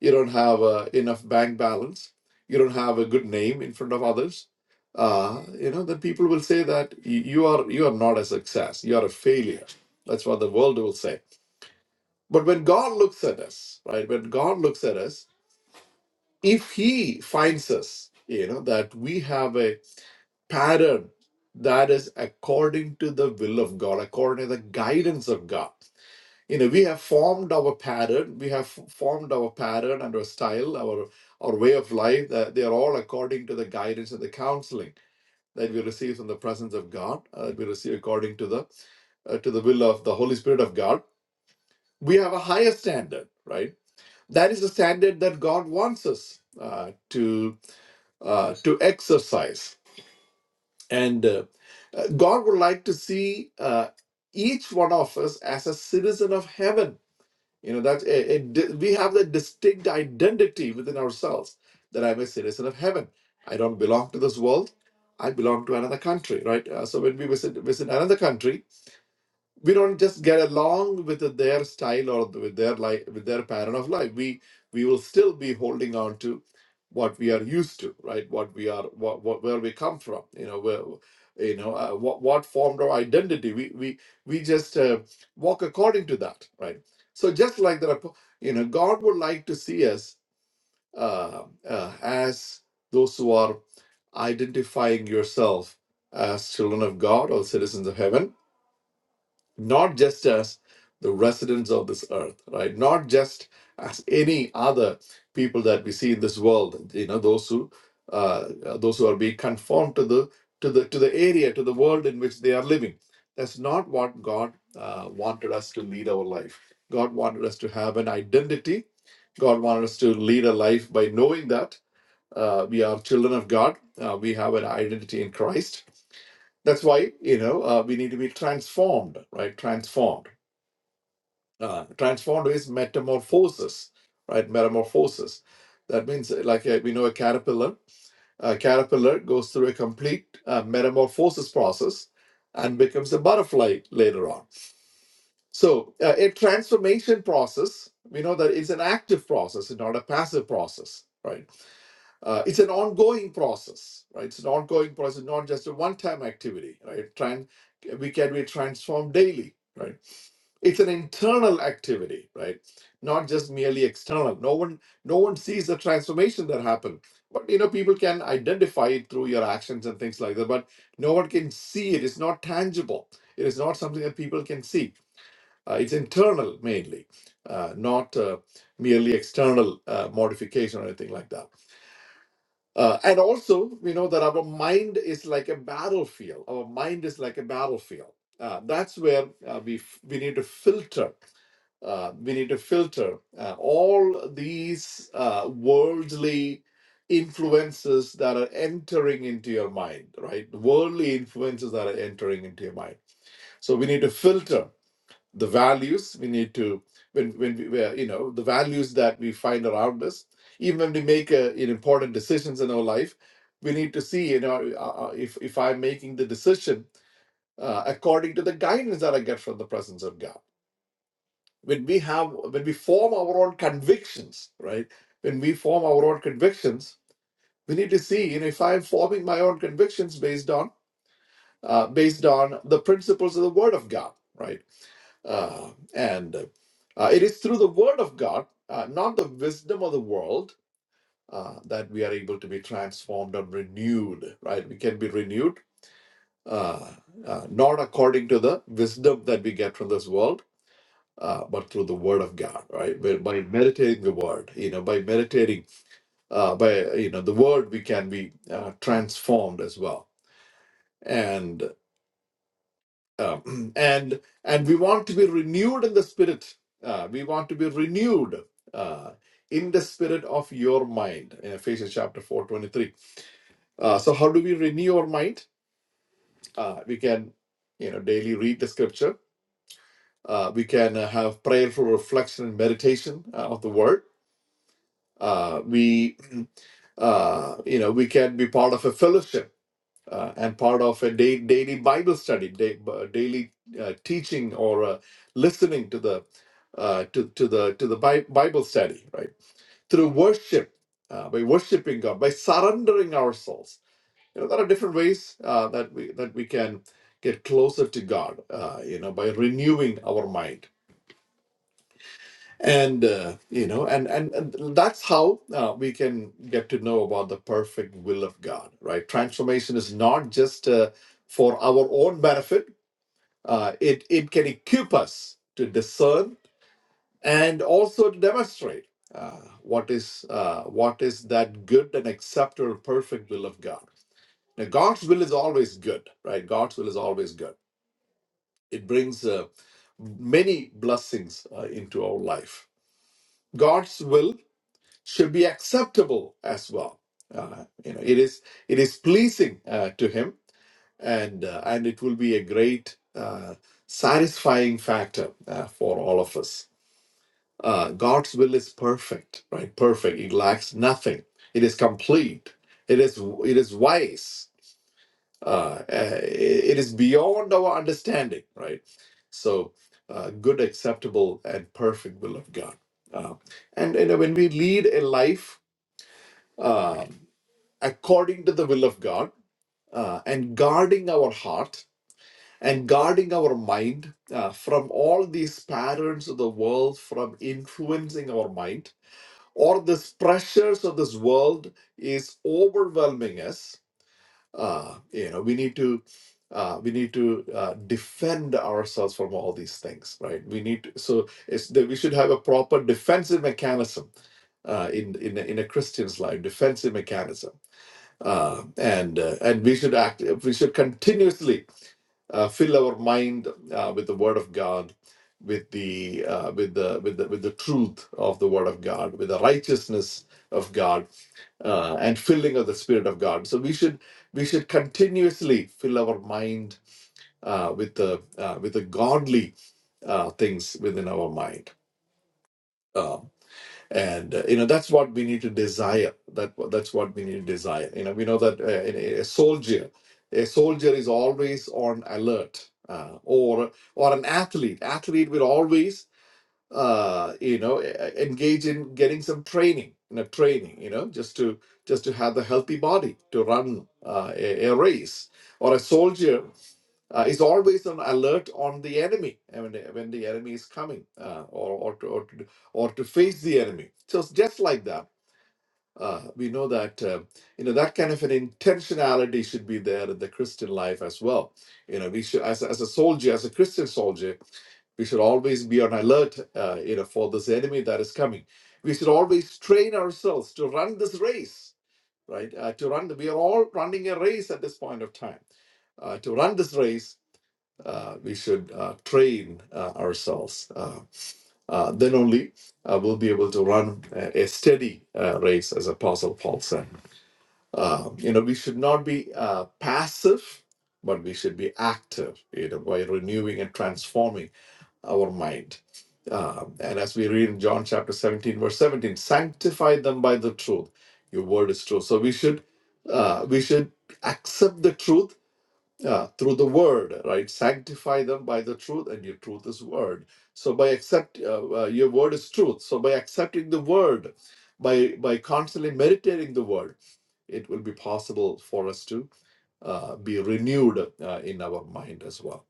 you don't have uh, enough bank balance, you don't have a good name in front of others, uh, you know, then people will say that you, you are you are not a success, you are a failure. That's what the world will say. But when God looks at us, right? When God looks at us, if he finds us you know that we have a pattern that is according to the will of god according to the guidance of god you know we have formed our pattern we have f- formed our pattern and our style our our way of life that they are all according to the guidance and the counseling that we receive from the presence of god uh, that we receive according to the uh, to the will of the holy spirit of god we have a higher standard right that is the standard that God wants us uh, to uh, to exercise. And uh, uh, God would like to see uh, each one of us as a citizen of heaven. You know, that a- a di- we have the distinct identity within ourselves that I'm a citizen of heaven. I don't belong to this world. I belong to another country, right? Uh, so when we visit visit another country, we don't just get along with their style or with their life with their pattern of life we we will still be holding on to what we are used to right what we are what, what where we come from you know where you know uh, what what formed our identity we we we just uh, walk according to that right so just like the apo- you know god would like to see us uh, uh, as those who are identifying yourself as children of god or citizens of heaven not just as the residents of this earth, right? Not just as any other people that we see in this world, you know, those who uh, uh, those who are being conformed to the to the to the area, to the world in which they are living. That's not what God uh, wanted us to lead our life. God wanted us to have an identity. God wanted us to lead a life by knowing that uh, we are children of God. Uh, we have an identity in Christ that's why, you know, uh, we need to be transformed, right? Transformed. Uh, transformed is metamorphosis, right? Metamorphosis. That means, uh, like uh, we know, a caterpillar. A caterpillar goes through a complete uh, metamorphosis process and becomes a butterfly later on. So, uh, a transformation process, we know that is an active process, it's not a passive process, right? Uh, it's an ongoing process, right? It's an ongoing process, not just a one-time activity, right? Tran- we can be transformed daily, right? It's an internal activity, right? Not just merely external. No one, no one sees the transformation that happened, but you know, people can identify it through your actions and things like that. But no one can see it. It's not tangible. It is not something that people can see. Uh, it's internal mainly, uh, not uh, merely external uh, modification or anything like that uh, and also, we know that our mind is like a battlefield. Our mind is like a battlefield. Uh, that's where uh, we f- we need to filter. Uh, we need to filter uh, all these uh, worldly influences that are entering into your mind, right? Worldly influences that are entering into your mind. So we need to filter the values we need to when when we where, you know the values that we find around us even when we make uh you know, important decisions in our life we need to see you know uh, uh, uh, if if i'm making the decision uh, according to the guidance that i get from the presence of god when we have when we form our own convictions right when we form our own convictions we need to see you know if i'm forming my own convictions based on uh, based on the principles of the Word of God, right? Uh, and uh, it is through the Word of God, uh, not the wisdom of the world, uh, that we are able to be transformed and renewed, right? We can be renewed, uh, uh, not according to the wisdom that we get from this world. Uh, but through the word of god right by, by meditating the word you know by meditating uh, by you know the word we can be uh, transformed as well and. Um, and and we want to be renewed in the spirit. Uh, we want to be renewed uh, in the spirit of your mind. In Ephesians chapter four twenty three. Uh, so how do we renew our mind? Uh, we can you know daily read the scripture. Uh, we can uh, have prayerful reflection and meditation uh, of the word. Uh, we uh, you know we can be part of a fellowship uh, and part of a day, daily Bible study, day, uh, daily uh, teaching, or uh, listening to the uh, to to the to the Bi- Bible study, right? Through worship, uh, by worshiping God, by surrendering ourselves. You know, there are different ways uh, that we that we can get closer to God. Uh, you know, by renewing our mind and uh, you know and, and and that's how uh, we can get to know about the perfect will of god right transformation is not just uh, for our own benefit uh, it it can equip us to discern and also to demonstrate uh, what is uh, what is that good and acceptable perfect will of god now god's will is always good right god's will is always good it brings uh, many blessings uh, into our life god's will should be acceptable as well. Uh, you know, it is it is pleasing uh, to him, and uh, and it will be a great uh, satisfying factor uh, for all of us. Uh, God's will is perfect, right? Perfect. It lacks nothing. It is complete. It is it is wise. Uh, uh, it is beyond our understanding, right? So, uh, good, acceptable, and perfect will of God. Uh, and you know, when we lead a life. uh, according to the will of God uh, and guarding our heart and guarding our mind uh, from all these patterns of the world from influencing our mind or these pressures of this world is overwhelming us uh, you know we need to uh, we need to uh, defend ourselves from all these things right we need to, so it's that we should have a proper defensive mechanism uh, in in a, in a christian's life defensive mechanism uh, and uh, and we should act we should continuously uh, fill our mind uh, with the word of god with the uh, with the with the with the truth of the word of god with the righteousness of god uh, and filling of the spirit of god so we should we should continuously fill our mind uh, with the uh, with the godly uh, things within our mind Um, and uh, you know that's what we need to desire that that's what we need to desire you know we know that uh, a a soldier a soldier is always on alert uh, or or an athlete athlete will always uh you know e- e- engage in getting some training you know training you know just to just to have the healthy body to run uh, a, a race or a soldier uh, is always on alert on the enemy uh, when the, when the enemy is coming uh, or or to, or to or to face the enemy. So it's just like that, uh, we know that uh, you know that kind of an intentionality should be there in the Christian life as well. You know, we should as as a soldier, as a Christian soldier, we should always be on alert. Uh, you know, for this enemy that is coming, we should always train ourselves to run this race. Right, uh, to run, we are all running a race at this point of time uh, to run this race uh, we should uh, train uh, ourselves. Uh, uh, then only uh, we'll be able to run a, a steady uh, race, as Apostle Paul said. Uh, you know, we should not be uh, passive, but we should be active, you know, by renewing and transforming our mind. Uh, and as we read in John chapter 17, verse 17, sanctify them by the truth. Your word is true. So we should uh, we should accept the truth yeah, through the word, right? Sanctify them by the truth, and your truth is word. So by accept, uh, uh, your word is truth. So by accepting the word, by by constantly meditating the word, it will be possible for us to uh, be renewed uh, in our mind as well.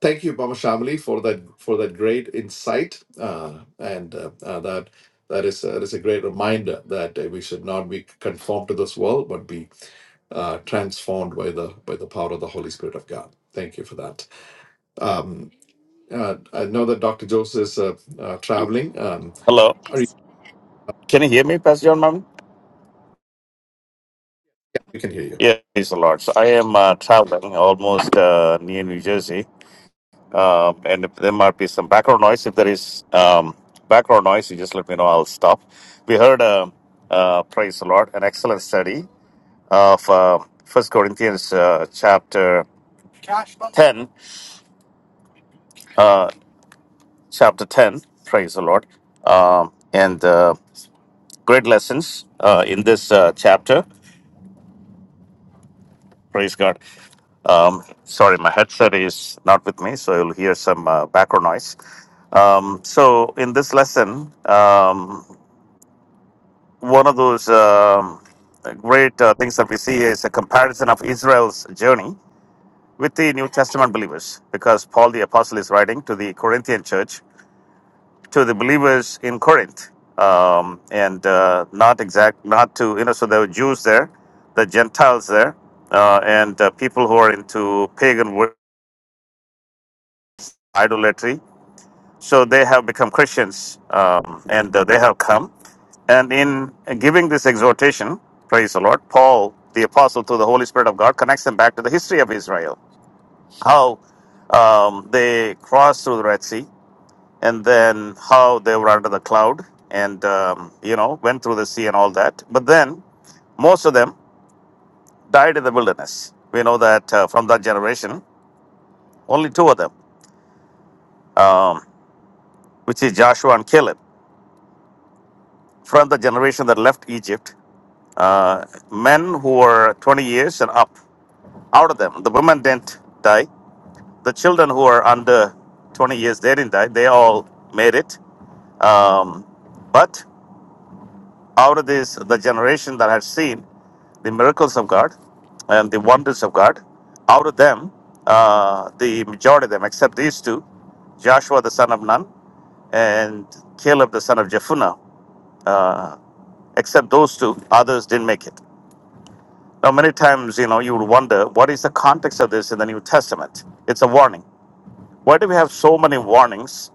Thank you, Mama Shamali, for that for that great insight, uh, and uh, uh, that that is uh, that is a great reminder that uh, we should not be conformed to this world, but be uh, transformed by the by the power of the Holy Spirit of God. Thank you for that. Um, uh, I know that Dr. Joseph is uh, uh, traveling. Um,
Hello.
are you,
Can you hear me, Pastor John Mammon?
we can hear you.
Yeah, praise the Lord. So I am uh, traveling almost uh, near New Jersey. Um, and if there might be some background noise, if there is um, background noise, you just let me know. I'll stop. We heard, uh, uh, praise the Lord, an excellent study of uh, 1 Corinthians uh, chapter 10. Uh, chapter 10, praise the Lord. Um, and uh, great lessons uh, in this uh, chapter. Praise God. Um, sorry, my headset is not with me, so you'll hear some uh, background noise. Um, so, in this lesson, um, one of those um, great uh, things that we see is a comparison of Israel's journey with the New Testament believers, because Paul the Apostle is writing to the Corinthian church, to the believers in Corinth, um, and uh, not exact, not to, you know, so there were Jews there, the Gentiles there, uh, and uh, people who are into pagan worship, idolatry, So they have become Christians um, and uh, they have come. And in giving this exhortation, praise the Lord, Paul, the apostle through the Holy Spirit of God, connects them back to the history of Israel, how um, they crossed through the Red Sea, and then how they were under the cloud and, um, you know, went through the sea and all that. But then most of them died in the wilderness. We know that uh, from that generation, only two of them, um, which is Joshua and Caleb, from the generation that left Egypt. uh, men who were 20 years and up, out of them. The women didn't die. The children who were under 20 years, they didn't die. They all made it. Um, but out of this, the generation that had seen the miracles of God and the wonders of God, out of them, uh, the majority of them, except these two, Joshua the son of Nun and Caleb the son of Jephunneh, uh, except those two, others didn't make it. Now, many times, you know, you would wonder what is the context of this in the New Testament? It's a warning. Why do we have so many warnings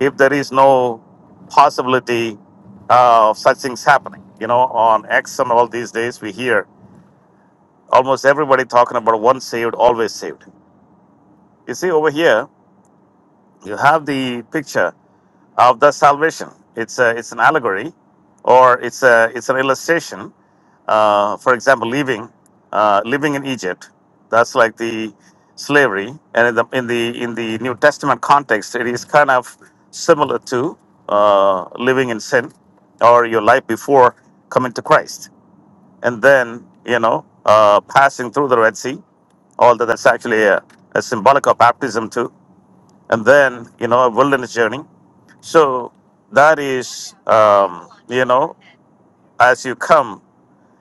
if there is no possibility uh, of such things happening? You know, on X and all these days, we hear almost everybody talking about once saved, always saved. You see, over here, you have the picture of the salvation. It's a, it's an allegory, or it's a, it's an illustration uh, for example, living uh, living in Egypt. That's like the slavery, and in the in the in the New Testament context, it is kind of similar to uh, living in sin or your life before coming to Christ, and then you know uh, passing through the Red Sea. Although that's actually a, a symbolic of baptism too, and then you know a wilderness journey. So that is um, you know as you come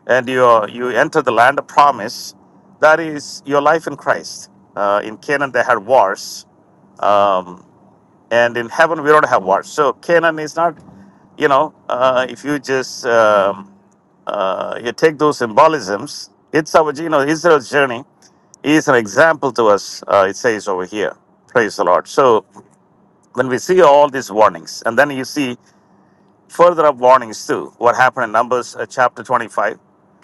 and you you enter the land of promise, that is your life in Christ. Uh, in Canaan, they had wars, um, and in heaven, we don't have wars. So Canaan is not, you know, uh, if you just um, uh, you take those symbolisms, it's our you know Israel's journey is an example to us. Uh, it says over here. Praise the Lord. So when we see all these warnings, and then you see further up warnings too, what happened in Numbers uh, chapter 25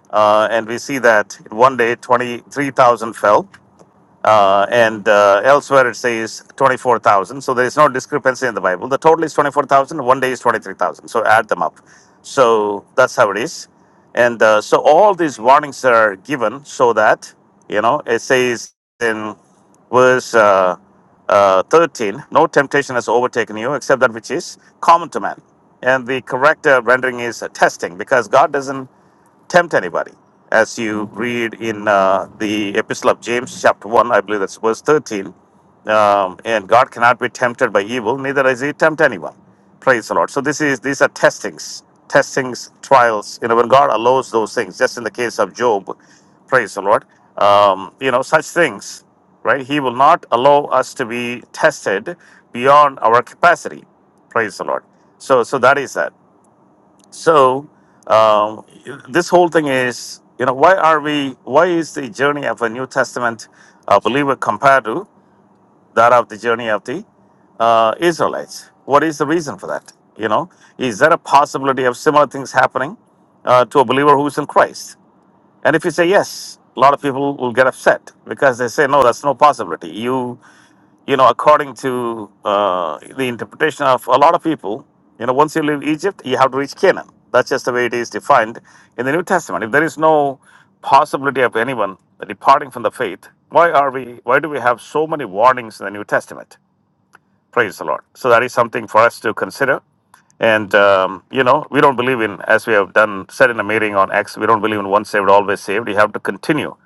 uh, and we see that in one day 23,000 fell, uh, and uh, elsewhere it says 24,000. So there is no discrepancy in the Bible. The total is 24,000, one day is 23,000. So add them up. So that's how it is. And uh, so all these warnings are given so that, you know, it says in verse uh, uh, 13 no temptation has overtaken you except that which is common to man and the correct uh, rendering is uh, testing because god doesn't tempt anybody. As you read in uh, the Epistle of James, chapter 1, I believe that's verse 13, um, and God cannot be tempted by evil, neither is he tempt anyone. Praise the Lord. So this is these are testings, testings, trials. You know, when God allows those things, just in the case of Job, praise the Lord. Um, you know, such things, right? He will not allow us to be tested beyond our capacity. Praise the Lord. So so that is that. So um, this whole thing is, you know, why are we? Why is the journey of a New Testament uh, believer compared to that of the journey of the uh, Israelites? What is the reason for that? You know, is there a possibility of similar things happening uh, to a believer who is in Christ? And if you say yes, a lot of people will get upset because they say, no, that's no possibility. You you know, according to uh, the interpretation of a lot of people, you know, once you leave Egypt, you have to reach Canaan. That's just the way it is defined in the New Testament. If there is no possibility of anyone departing from the faith, why are we? Why do we have so many warnings in the New Testament? Praise the Lord. So that is something for us to consider. And um, you know, we don't believe in, as we have done said in a meeting on X, we don't believe in once saved, always saved. You have to continue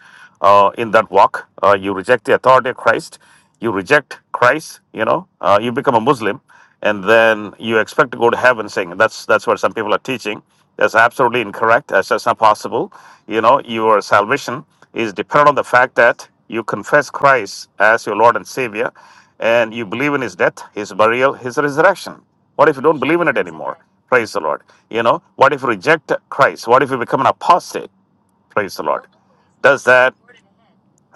uh, in that walk. Uh, you reject the authority of Christ, you reject Christ. You know, uh, you become a Muslim, and then you expect to go to heaven. Saying that's that's what some people are teaching. That's absolutely incorrect. That's just not possible. You know, your salvation is dependent on the fact that you confess Christ as your Lord and Savior, and you believe in His death, His burial, His resurrection. What if you don't believe in it anymore? Praise the Lord. You know, what if you reject Christ? What if you become an apostate? Praise the Lord. Does that,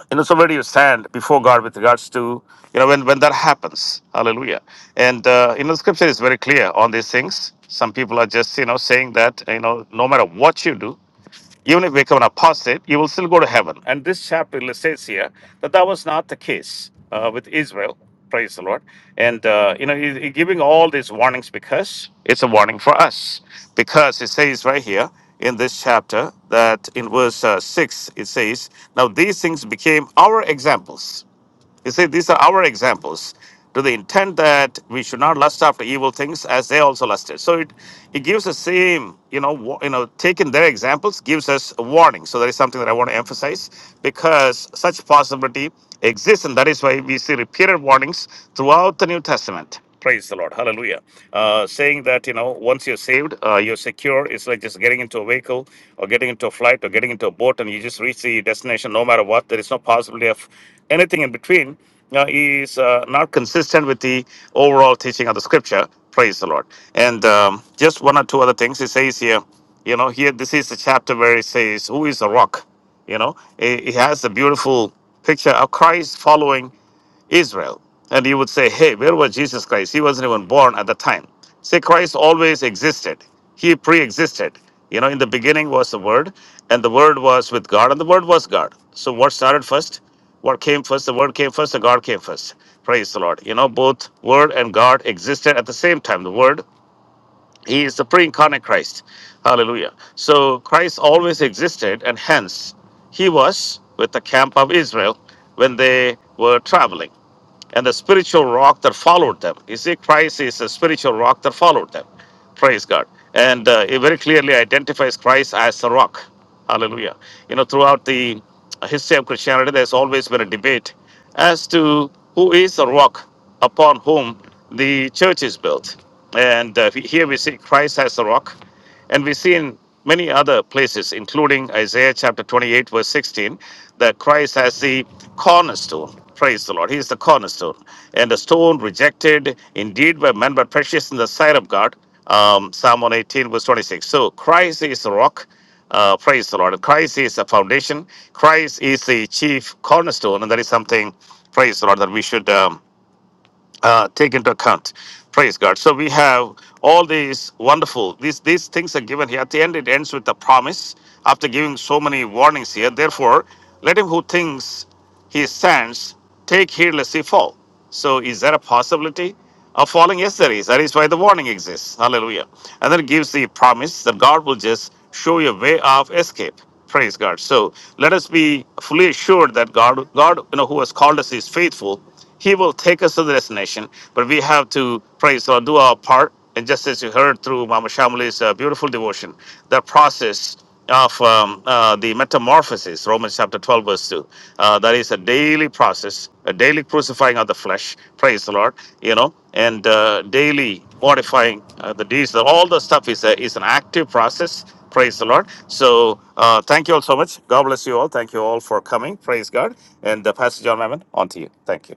you know, so where do you stand before God with regards to, you know, when, when that happens? Hallelujah. And, uh, you know, the scripture is very clear on these things. Some people are just, you know, saying that, you know, no matter what you do, Even if you become an apostate, you will still go to heaven. And this chapter says here that that was not the case uh, with Israel. Praise the Lord. And, uh, you know, he, he giving all these warnings because it's a warning for us. Because it says right here in this chapter that in verse uh, 6, it says, Now these things became our examples you see, these are our examples to the intent that we should not lust after evil things as they also lusted. So it, it gives the same, you know, wa- you know, taking their examples gives us a warning. So that is something that I want to emphasize because such possibility exists, and that is why we see repeated warnings throughout the New Testament. Praise the Lord. Hallelujah. Uh, saying that, you know, once you're saved, uh, you're secure. It's like just getting into a vehicle or getting into a flight or getting into a boat and you just reach the destination no matter what. There is no possibility of anything in between. Uh, is uh, not consistent with the overall teaching of the scripture. Praise the Lord. And um, just one or two other things. It says here, you know, here this is the chapter where it says, Who is the rock? You know, it, it has the beautiful picture of Christ following Israel. And you would say, hey, where was Jesus Christ? He wasn't even born at the time. Say, Christ always existed, he pre existed. You know, in the beginning was the Word, and the Word was with God, and the Word was God. So, what started first? What came first? The Word came first, the God came first. Praise the Lord. You know, both Word and God existed at the same time. The Word, He is the pre incarnate Christ. Hallelujah. So, Christ always existed, and hence, He was with the camp of Israel when they were traveling and the spiritual rock that followed them. You see, Christ is the spiritual rock that followed them. Praise God. And uh, it very clearly identifies Christ as the rock. Hallelujah. You know, throughout the history of Christianity, there's always been a debate as to who is the rock upon whom the church is built. And uh, here we see Christ as the rock and we see in many other places, including Isaiah chapter 28, verse 16, that Christ has the cornerstone. Praise the Lord. He is the cornerstone. And the stone rejected indeed by men, but precious in the sight of God. Um, Psalm 118, verse 26. So Christ is the rock. Uh, praise the Lord. Christ is the foundation. Christ is the chief cornerstone. And that is something, praise the Lord, that we should. Um, uh, take into account. Praise God. So we have all these wonderful these these things are given here. At the end, it ends with a promise. After giving so many warnings here, therefore, let him who thinks his stands, take heed lest he fall. So is there a possibility of falling? Yes, there is. That is why the warning exists. Hallelujah. And then it gives the promise that God will just show you a way of escape. Praise God. So let us be fully assured that God, God, you know, who has called us is faithful. He will take us to the destination, but we have to praise God, do our part. And just as you heard through Mama Shamali's uh, beautiful devotion, that process of um, uh, the metamorphosis, Romans chapter 12, verse 2. Uh, that is a daily process, a daily crucifying of the flesh, praise the Lord, you know, and uh, daily mortifying uh, the deeds. All the stuff is, a, is an active process, praise the Lord. So uh, thank you all so much. God bless you all. Thank you all for coming, praise God. And uh, Pastor John Mammon, on to you. Thank you.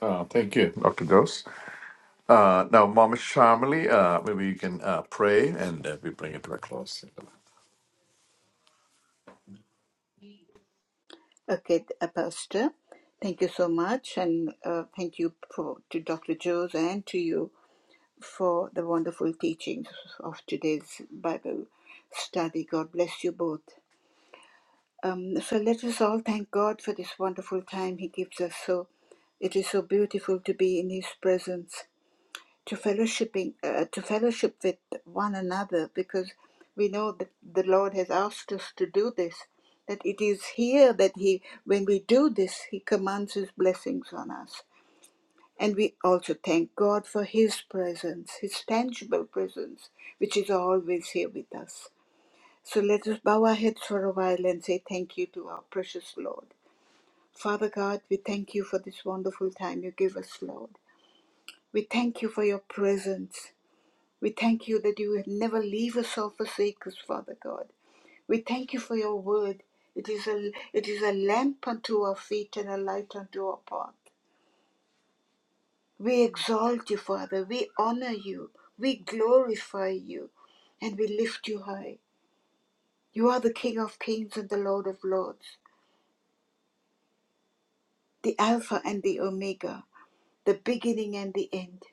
Uh, thank you, Dr. Jose. Uh, now, Mama Shamali, uh, maybe you can uh, pray and uh, we bring it to a close.
Okay, uh, Pastor. Thank you so much, and uh, thank you for, to Dr. Jones and to you for the wonderful teachings of today's Bible study. God bless you both. Um, so let us all thank God for this wonderful time He gives us. So it is so beautiful to be in His presence, to fellowshipping, uh, to fellowship with one another, because we know that the Lord has asked us to do this. That it is here that He, when we do this, He commands His blessings on us. And we also thank God for His presence, His tangible presence, which is always here with us. So let us bow our heads for a while and say thank you to our precious Lord. Father God, we thank you for this wonderful time you give us, Lord. We thank you for your presence. We thank you that you will never leave us or forsake us, Father God. We thank you for your word. It is a, it is a lamp unto our feet and a light unto our path. We exalt you, Father. We honor you. We glorify you. And we lift you high. You are the King of kings and the Lord of lords, the Alpha and the Omega, the beginning and the end.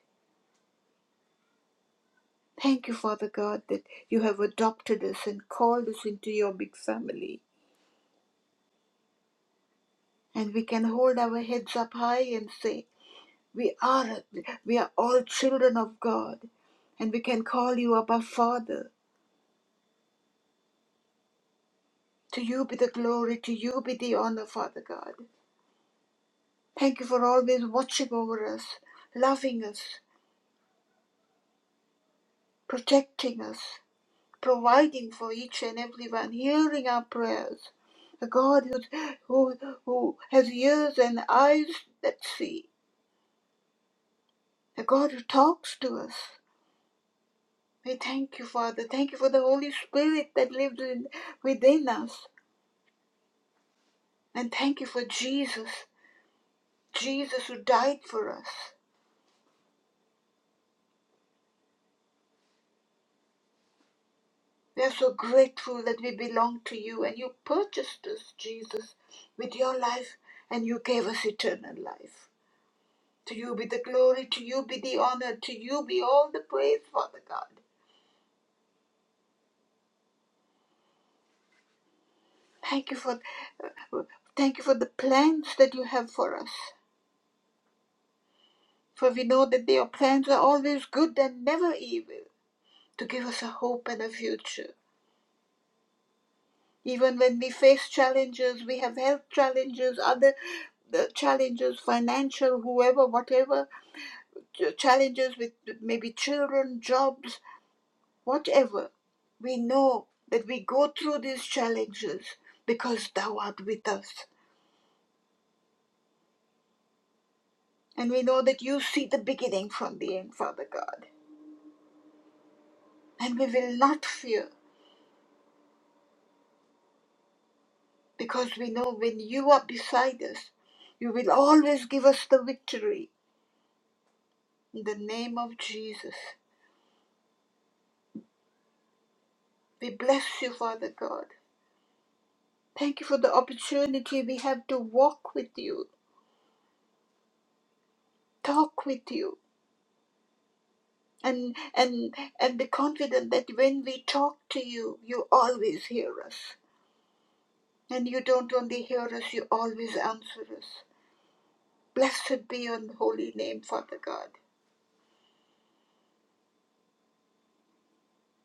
Thank you, Father God, that you have adopted us and called us into your big family. And we can hold our heads up high and say, we are, we are all children of God and we can call you Abba Father. To you be the glory, to you be the honor, Father God. Thank you for always watching over us, loving us, protecting us, providing for each and everyone, hearing our prayers. A God who, who, who has ears and eyes that see. A God who talks to us. We thank you, Father. Thank you for the Holy Spirit that lives in, within us. And thank you for Jesus, Jesus who died for us. We are so grateful that we belong to you and you purchased us, Jesus, with your life and you gave us eternal life. To you be the glory, to you be the honor, to you be all the praise, Father God. Thank you for uh, thank you for the plans that you have for us. For we know that your plans are always good and never evil, to give us a hope and a future. Even when we face challenges, we have health challenges, other the challenges, financial, whoever, whatever, ch- challenges with maybe children, jobs, whatever. We know that we go through these challenges because Thou art with us. And we know that you see the beginning from the end, Father God. And we will not fear because we know when you are beside us, you will always give us the victory. In the name of Jesus, we bless you, Father God. Thank you for the opportunity we have to walk with you, talk with you, and and and be confident that when we talk to you you always hear us and you don't only hear us you always answer us blessed be your holy name father god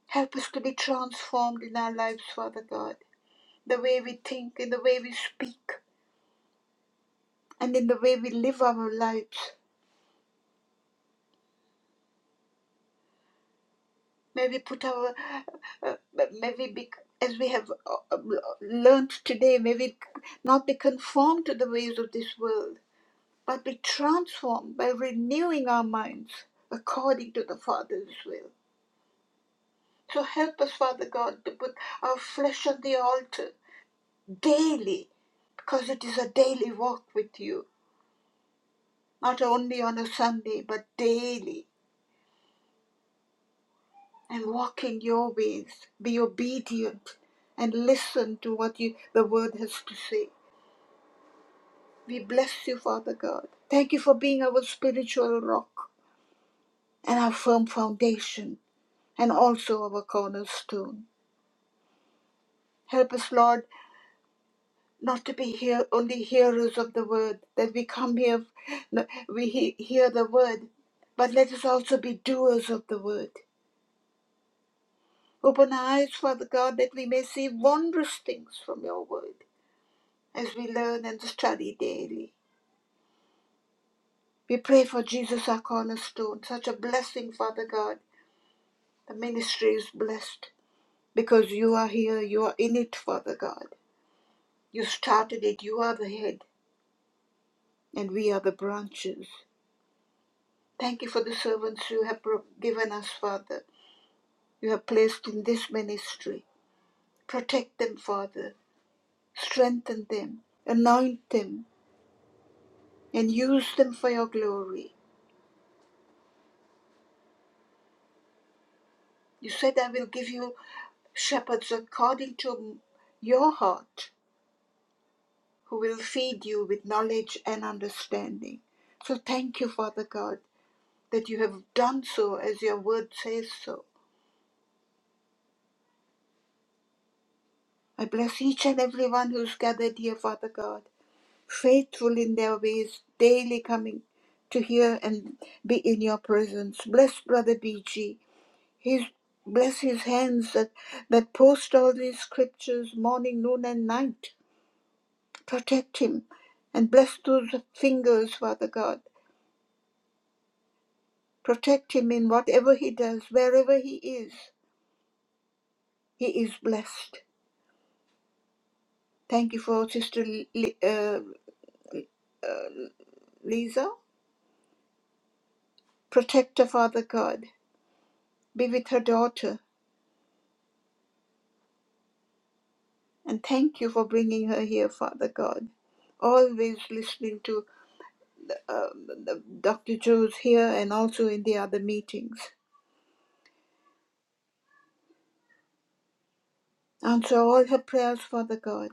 help us to be transformed in our lives father god the way we think in the way we speak and in the way we live our lives may we put our uh, uh, may we be as we have uh, uh, learned today may we not be conformed to the ways of this world but be transformed by renewing our minds according to the Father's will. So help us, Father God, to put our flesh on the altar daily, because it is a daily walk with you, not only on a Sunday, but daily, and walk in your ways. Be obedient and listen to what you, the Word has to say. We bless you, Father God. Thank you for being our spiritual rock and our firm foundation and also our cornerstone. Help us, Lord, not to be here only hearers of the word, that we come here, no, we he- hear the word, but let us also be doers of the word. Open our eyes, Father God, that we may see wondrous things from your word as we learn and study daily. We pray for Jesus, our cornerstone, such a blessing, Father God. The ministry is blessed because you are here, you are in it, Father God. You started it, you are the head, and we are the branches. Thank you for the servants you have given us, Father. You have placed in this ministry. Protect them, Father. Strengthen them. Anoint them and use them for your glory. You said, I will give you shepherds according to your heart who will feed you with knowledge and understanding. So thank you, Father God, that you have done so as your word says so. I bless each and every one who's gathered here, Father God. faithful in their ways, daily coming to hear and be in your presence. Bless Brother BG. His, bless his hands that, that post all these scriptures morning, noon, and night. Protect him and bless those fingers, Father God. Protect him in whatever he does, wherever he is. He is blessed. Thank you for Sister Li- uh, Lisa. Protect her, Father God. Be with her daughter And thank you for bringing her here, Father God. Always listening to um, Dr. Joe's here and also in the other meetings. Answer all her prayers, Father God.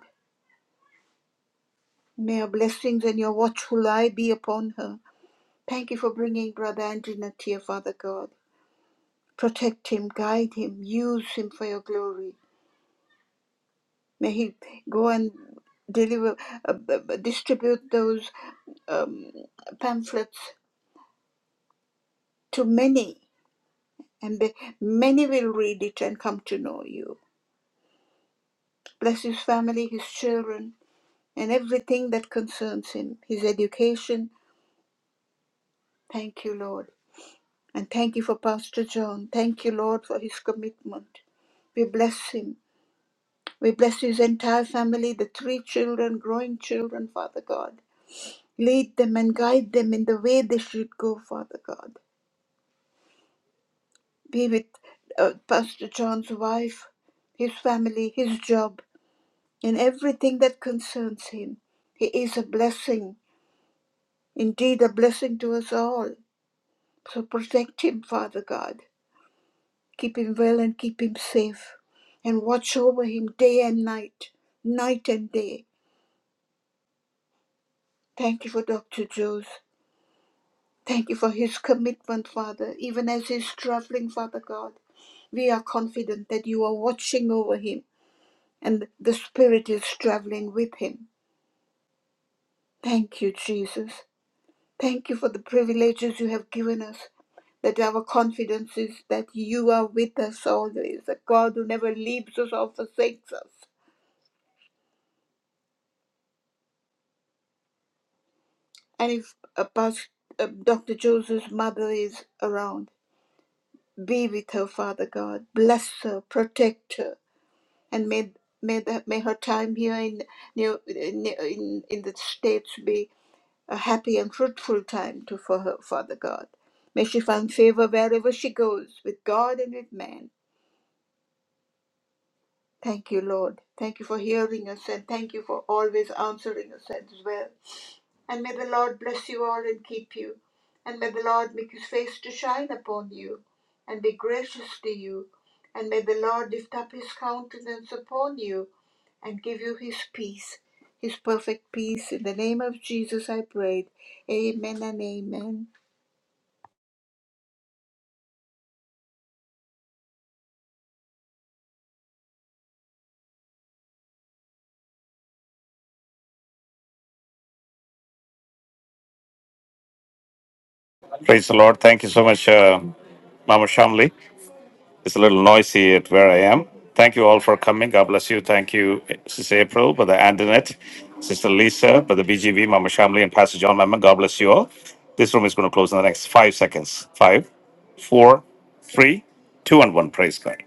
May your blessings and your watchful eye be upon her. Thank you for bringing Brother Antoinette here, Father God. Protect him, guide him, use him for your glory. May he go and deliver, uh, b- b- distribute those um, pamphlets to many and be- many will read it and come to know you. Bless his family, his children, and everything that concerns him, his education. Thank you, Lord. And thank you for Pastor John. Thank you, Lord, for his commitment. We bless him. We bless his entire family, the three children, growing children, Father God. Lead them and guide them in the way they should go, Father God. Be with uh, Pastor John's wife, his family, his job. in everything that concerns him. He is a blessing, indeed, a blessing to us all. So protect him, Father God. Keep him well and keep him safe. And watch over him day and night, night and day. Thank you for Dr. Joes. Thank you for his commitment, Father, even as he's traveling, Father God. We are confident that you are watching over him and the Spirit is traveling with him. Thank you, Jesus. Thank you for the privileges you have given us, that our confidence is that you are with us always, a God who never leaves us or forsakes us. And if uh, Pas- uh, Dr. Joseph's mother is around, be with her, Father God. Bless her, protect her, and may may, the, may her time here in, near- in in in the states be a happy and fruitful time to for her, Father God. May she find favor wherever she goes, with God and with man Thank you, Lord. Thank you for hearing us and thank you for always answering us as well. And may the Lord bless you all and keep you. And may the Lord make his face to shine upon you and be gracious to you. And may the Lord lift up his countenance upon you and give you his peace, his perfect peace. In the name of Jesus, I prayed. Amen and amen.
Praise the Lord. Thank you so much, uh, Mama Shamli. It's a little noisy at where I am. Thank you all for coming. God bless you. Thank you, Sister April, Brother Antoinette, Sister Lisa, Brother BGV, Mama Shamli, and Pastor John Mammon. God bless you all. This room is going to close in the next five seconds. Five, four, three, two, and one. Praise God.